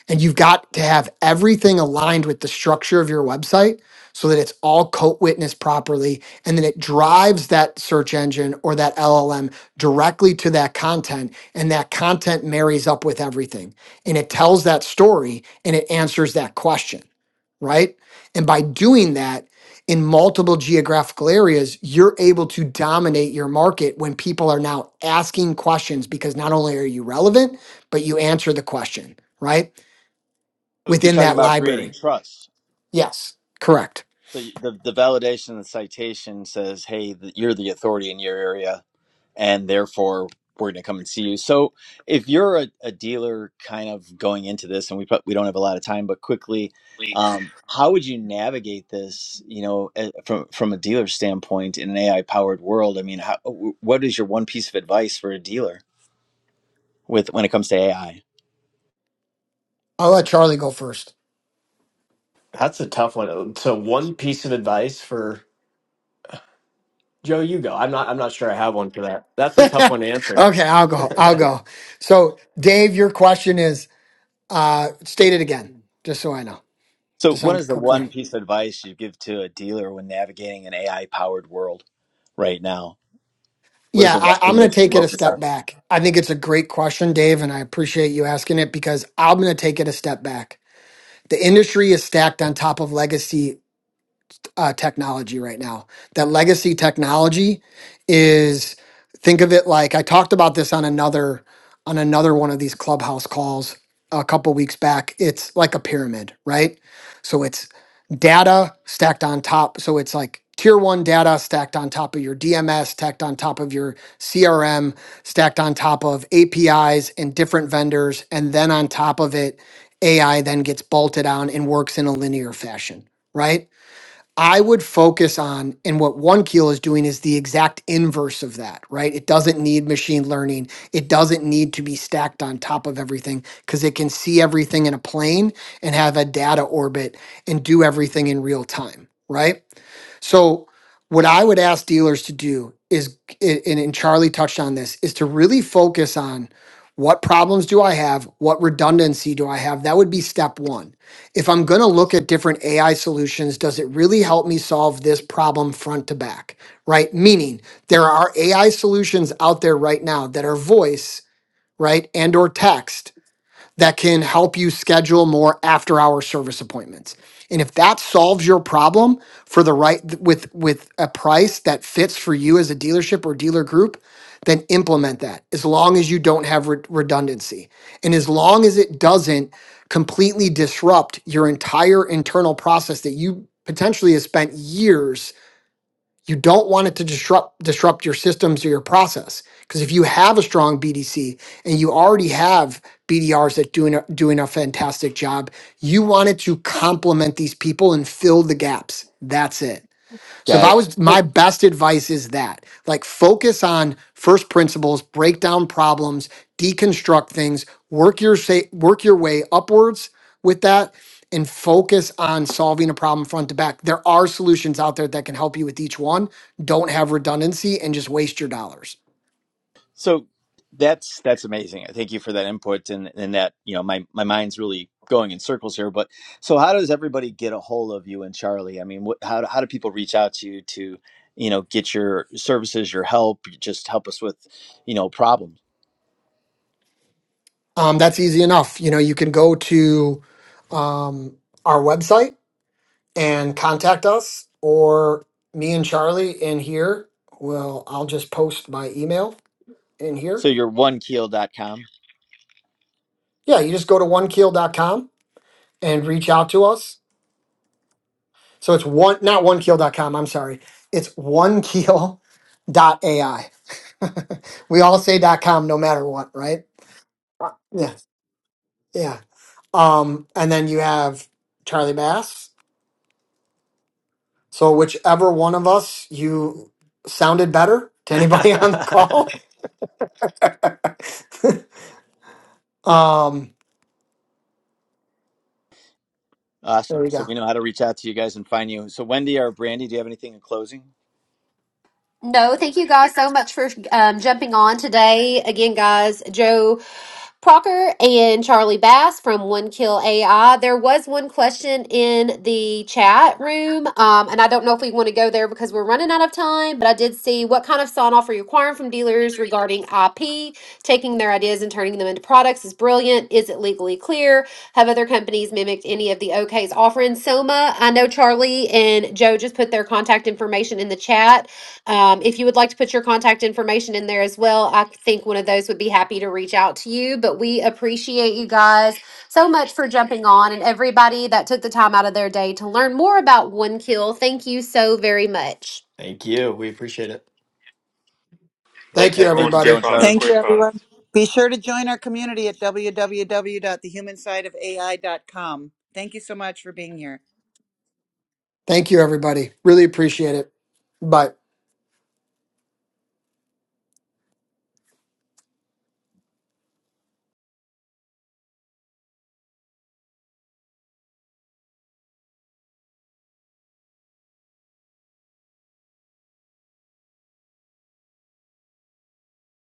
And you've got to have everything aligned with the structure of your website so that it's all coat witnessed properly. And then it drives that search engine or that LLM directly to that content. And that content marries up with everything. And it tells that story and it answers that question, right? And by doing that, in multiple geographical areas, you're able to dominate your market when people are now asking questions because not only are you relevant, but you answer the question, right?
You're
within
talking
that
about creating
library.
trust.
Yes, correct.
So you- the the validation, the citation says, "Hey, th- you're the authority in your area. and therefore we're going to come and see you. So if you're a, a dealer kind of going into this, and we prob- we don't have a lot of time, but quickly, um, how would you navigate this? You know, eh, from from a dealer standpoint in an AI powered world. I mean, how, w- what is your one piece of advice for a dealer with when it comes to AI?
I'll let Charlie go first.
That's a tough one. So, one piece of advice for Joe, you go. I'm not. I'm not sure I have one for that. That's
*laughs*
a
okay,
tough one to answer.
I'll go. I'll go. So, Dave, your question is uh, state it again, just so I know,
So
just so
what
I'm
is the one
clear.
piece of advice you give to a dealer when navigating an AI powered world right now? What is
Yeah,
the one
I, I'm
thing they
going to
should
take it a
focus on?
step back. I think it's a great question, Dave, and I appreciate you asking it because I'm going to take it a step back. The industry is stacked on top of legacy uh, technology right now. That legacy technology is think of it like I talked about this on another on another one of these clubhouse calls a couple weeks back. It's like a pyramid, right? So it's data stacked on top. So it's like tier one data stacked on top of your DMS, stacked on top of your CRM, stacked on top of APIs and different vendors, and then on top of it, AI then gets bolted on and works in a linear fashion, right? I would focus on, and what OneKeel is doing is the exact inverse of that, right? It doesn't need machine learning. It doesn't need to be stacked on top of everything because it can see everything in a plane and have a data orbit and do everything in real time, right? So what I would ask dealers to do is, and, and Charlie touched on this, is to really focus on what problems do I have? What redundancy do I have? That would be step one. If I'm going to look at different AI solutions, does it really help me solve this problem front to back? Right? Meaning there are AI solutions out there right now that are voice, right? And or text that can help you schedule more after hour service appointments. And if that solves your problem for the right with with a price that fits for you as a dealership or dealer group, then implement that as long as you don't have re- redundancy. And as long as it doesn't completely disrupt your entire internal process that you potentially has spent years you don't want it to disrupt disrupt your systems or your process. Because if you have a strong BDC and you already have BDRs that doing a- doing a fantastic job, you want it to complement these people and fill the gaps. That's it. So if
Got
I
it.
was
So
my best advice is that like focus on first principles, break down problems, deconstruct things, work your say work your way upwards with that and focus on solving a problem front to back. There are solutions out there that can help you with each one. Don't have redundancy and just waste your dollars.
So that's that's amazing. Thank you for that input and and that you know my my mind's really going in circles here. But so how does everybody get a hold of you and Charlie? I mean, what how do- how do people reach out to you to you know get your services, your help, just help us with you know problems?
Um, that's easy enough. You know, you can go to um, our website and contact us or me and Charlie in here. Well, I'll just post my email in
So
here.
you're one keel dot com.
Yeah, you just go to one keel dot com and reach out to us. So it's one, not one keel dot com. I'm sorry. It's one keel dot ai. *laughs* we all say .com no matter what, right? Uh, Yeah, yeah. Um, and then you have Charlie Bass. So whichever one of us you sounded better
*laughs*
to anybody *laughs* on the call. *laughs* um, there
Awesome.
we
So
go.
we know how to reach out to you guys and find you. So Wendy or Brandy, do you have anything in closing?
No, thank you guys so much for um, jumping on today. Again, guys, Joe Procker and Charlie Bass from One Kill AI. There was one question in the chat room, um, and I don't know if we want to go there because we're running out of time, but I did see what kind of sign off are you requiring from dealers regarding IP? Taking their ideas and turning them into products is brilliant. Is it legally clear? Have other companies mimicked any of the OK's offering? Soma, I know Charlie and Joe just put their contact information in the chat um, if you would like to put your contact information in there as well, I think one of those would be happy to reach out to you. But we appreciate you guys so much for jumping on and everybody that took the time out of their day to learn more about One Kill. Thank you so very much.
Thank you. We appreciate it.
Thank
Thanks
you,
And thank
everyone.
you, Joe
Great
everybody.
and Charlie.
product.
Thank
Great
you,
product.
everyone. Be sure to join our community at www.thehumansideofai.com. Thank you so much for being here.
Thank you, everybody. Really appreciate it. Bye.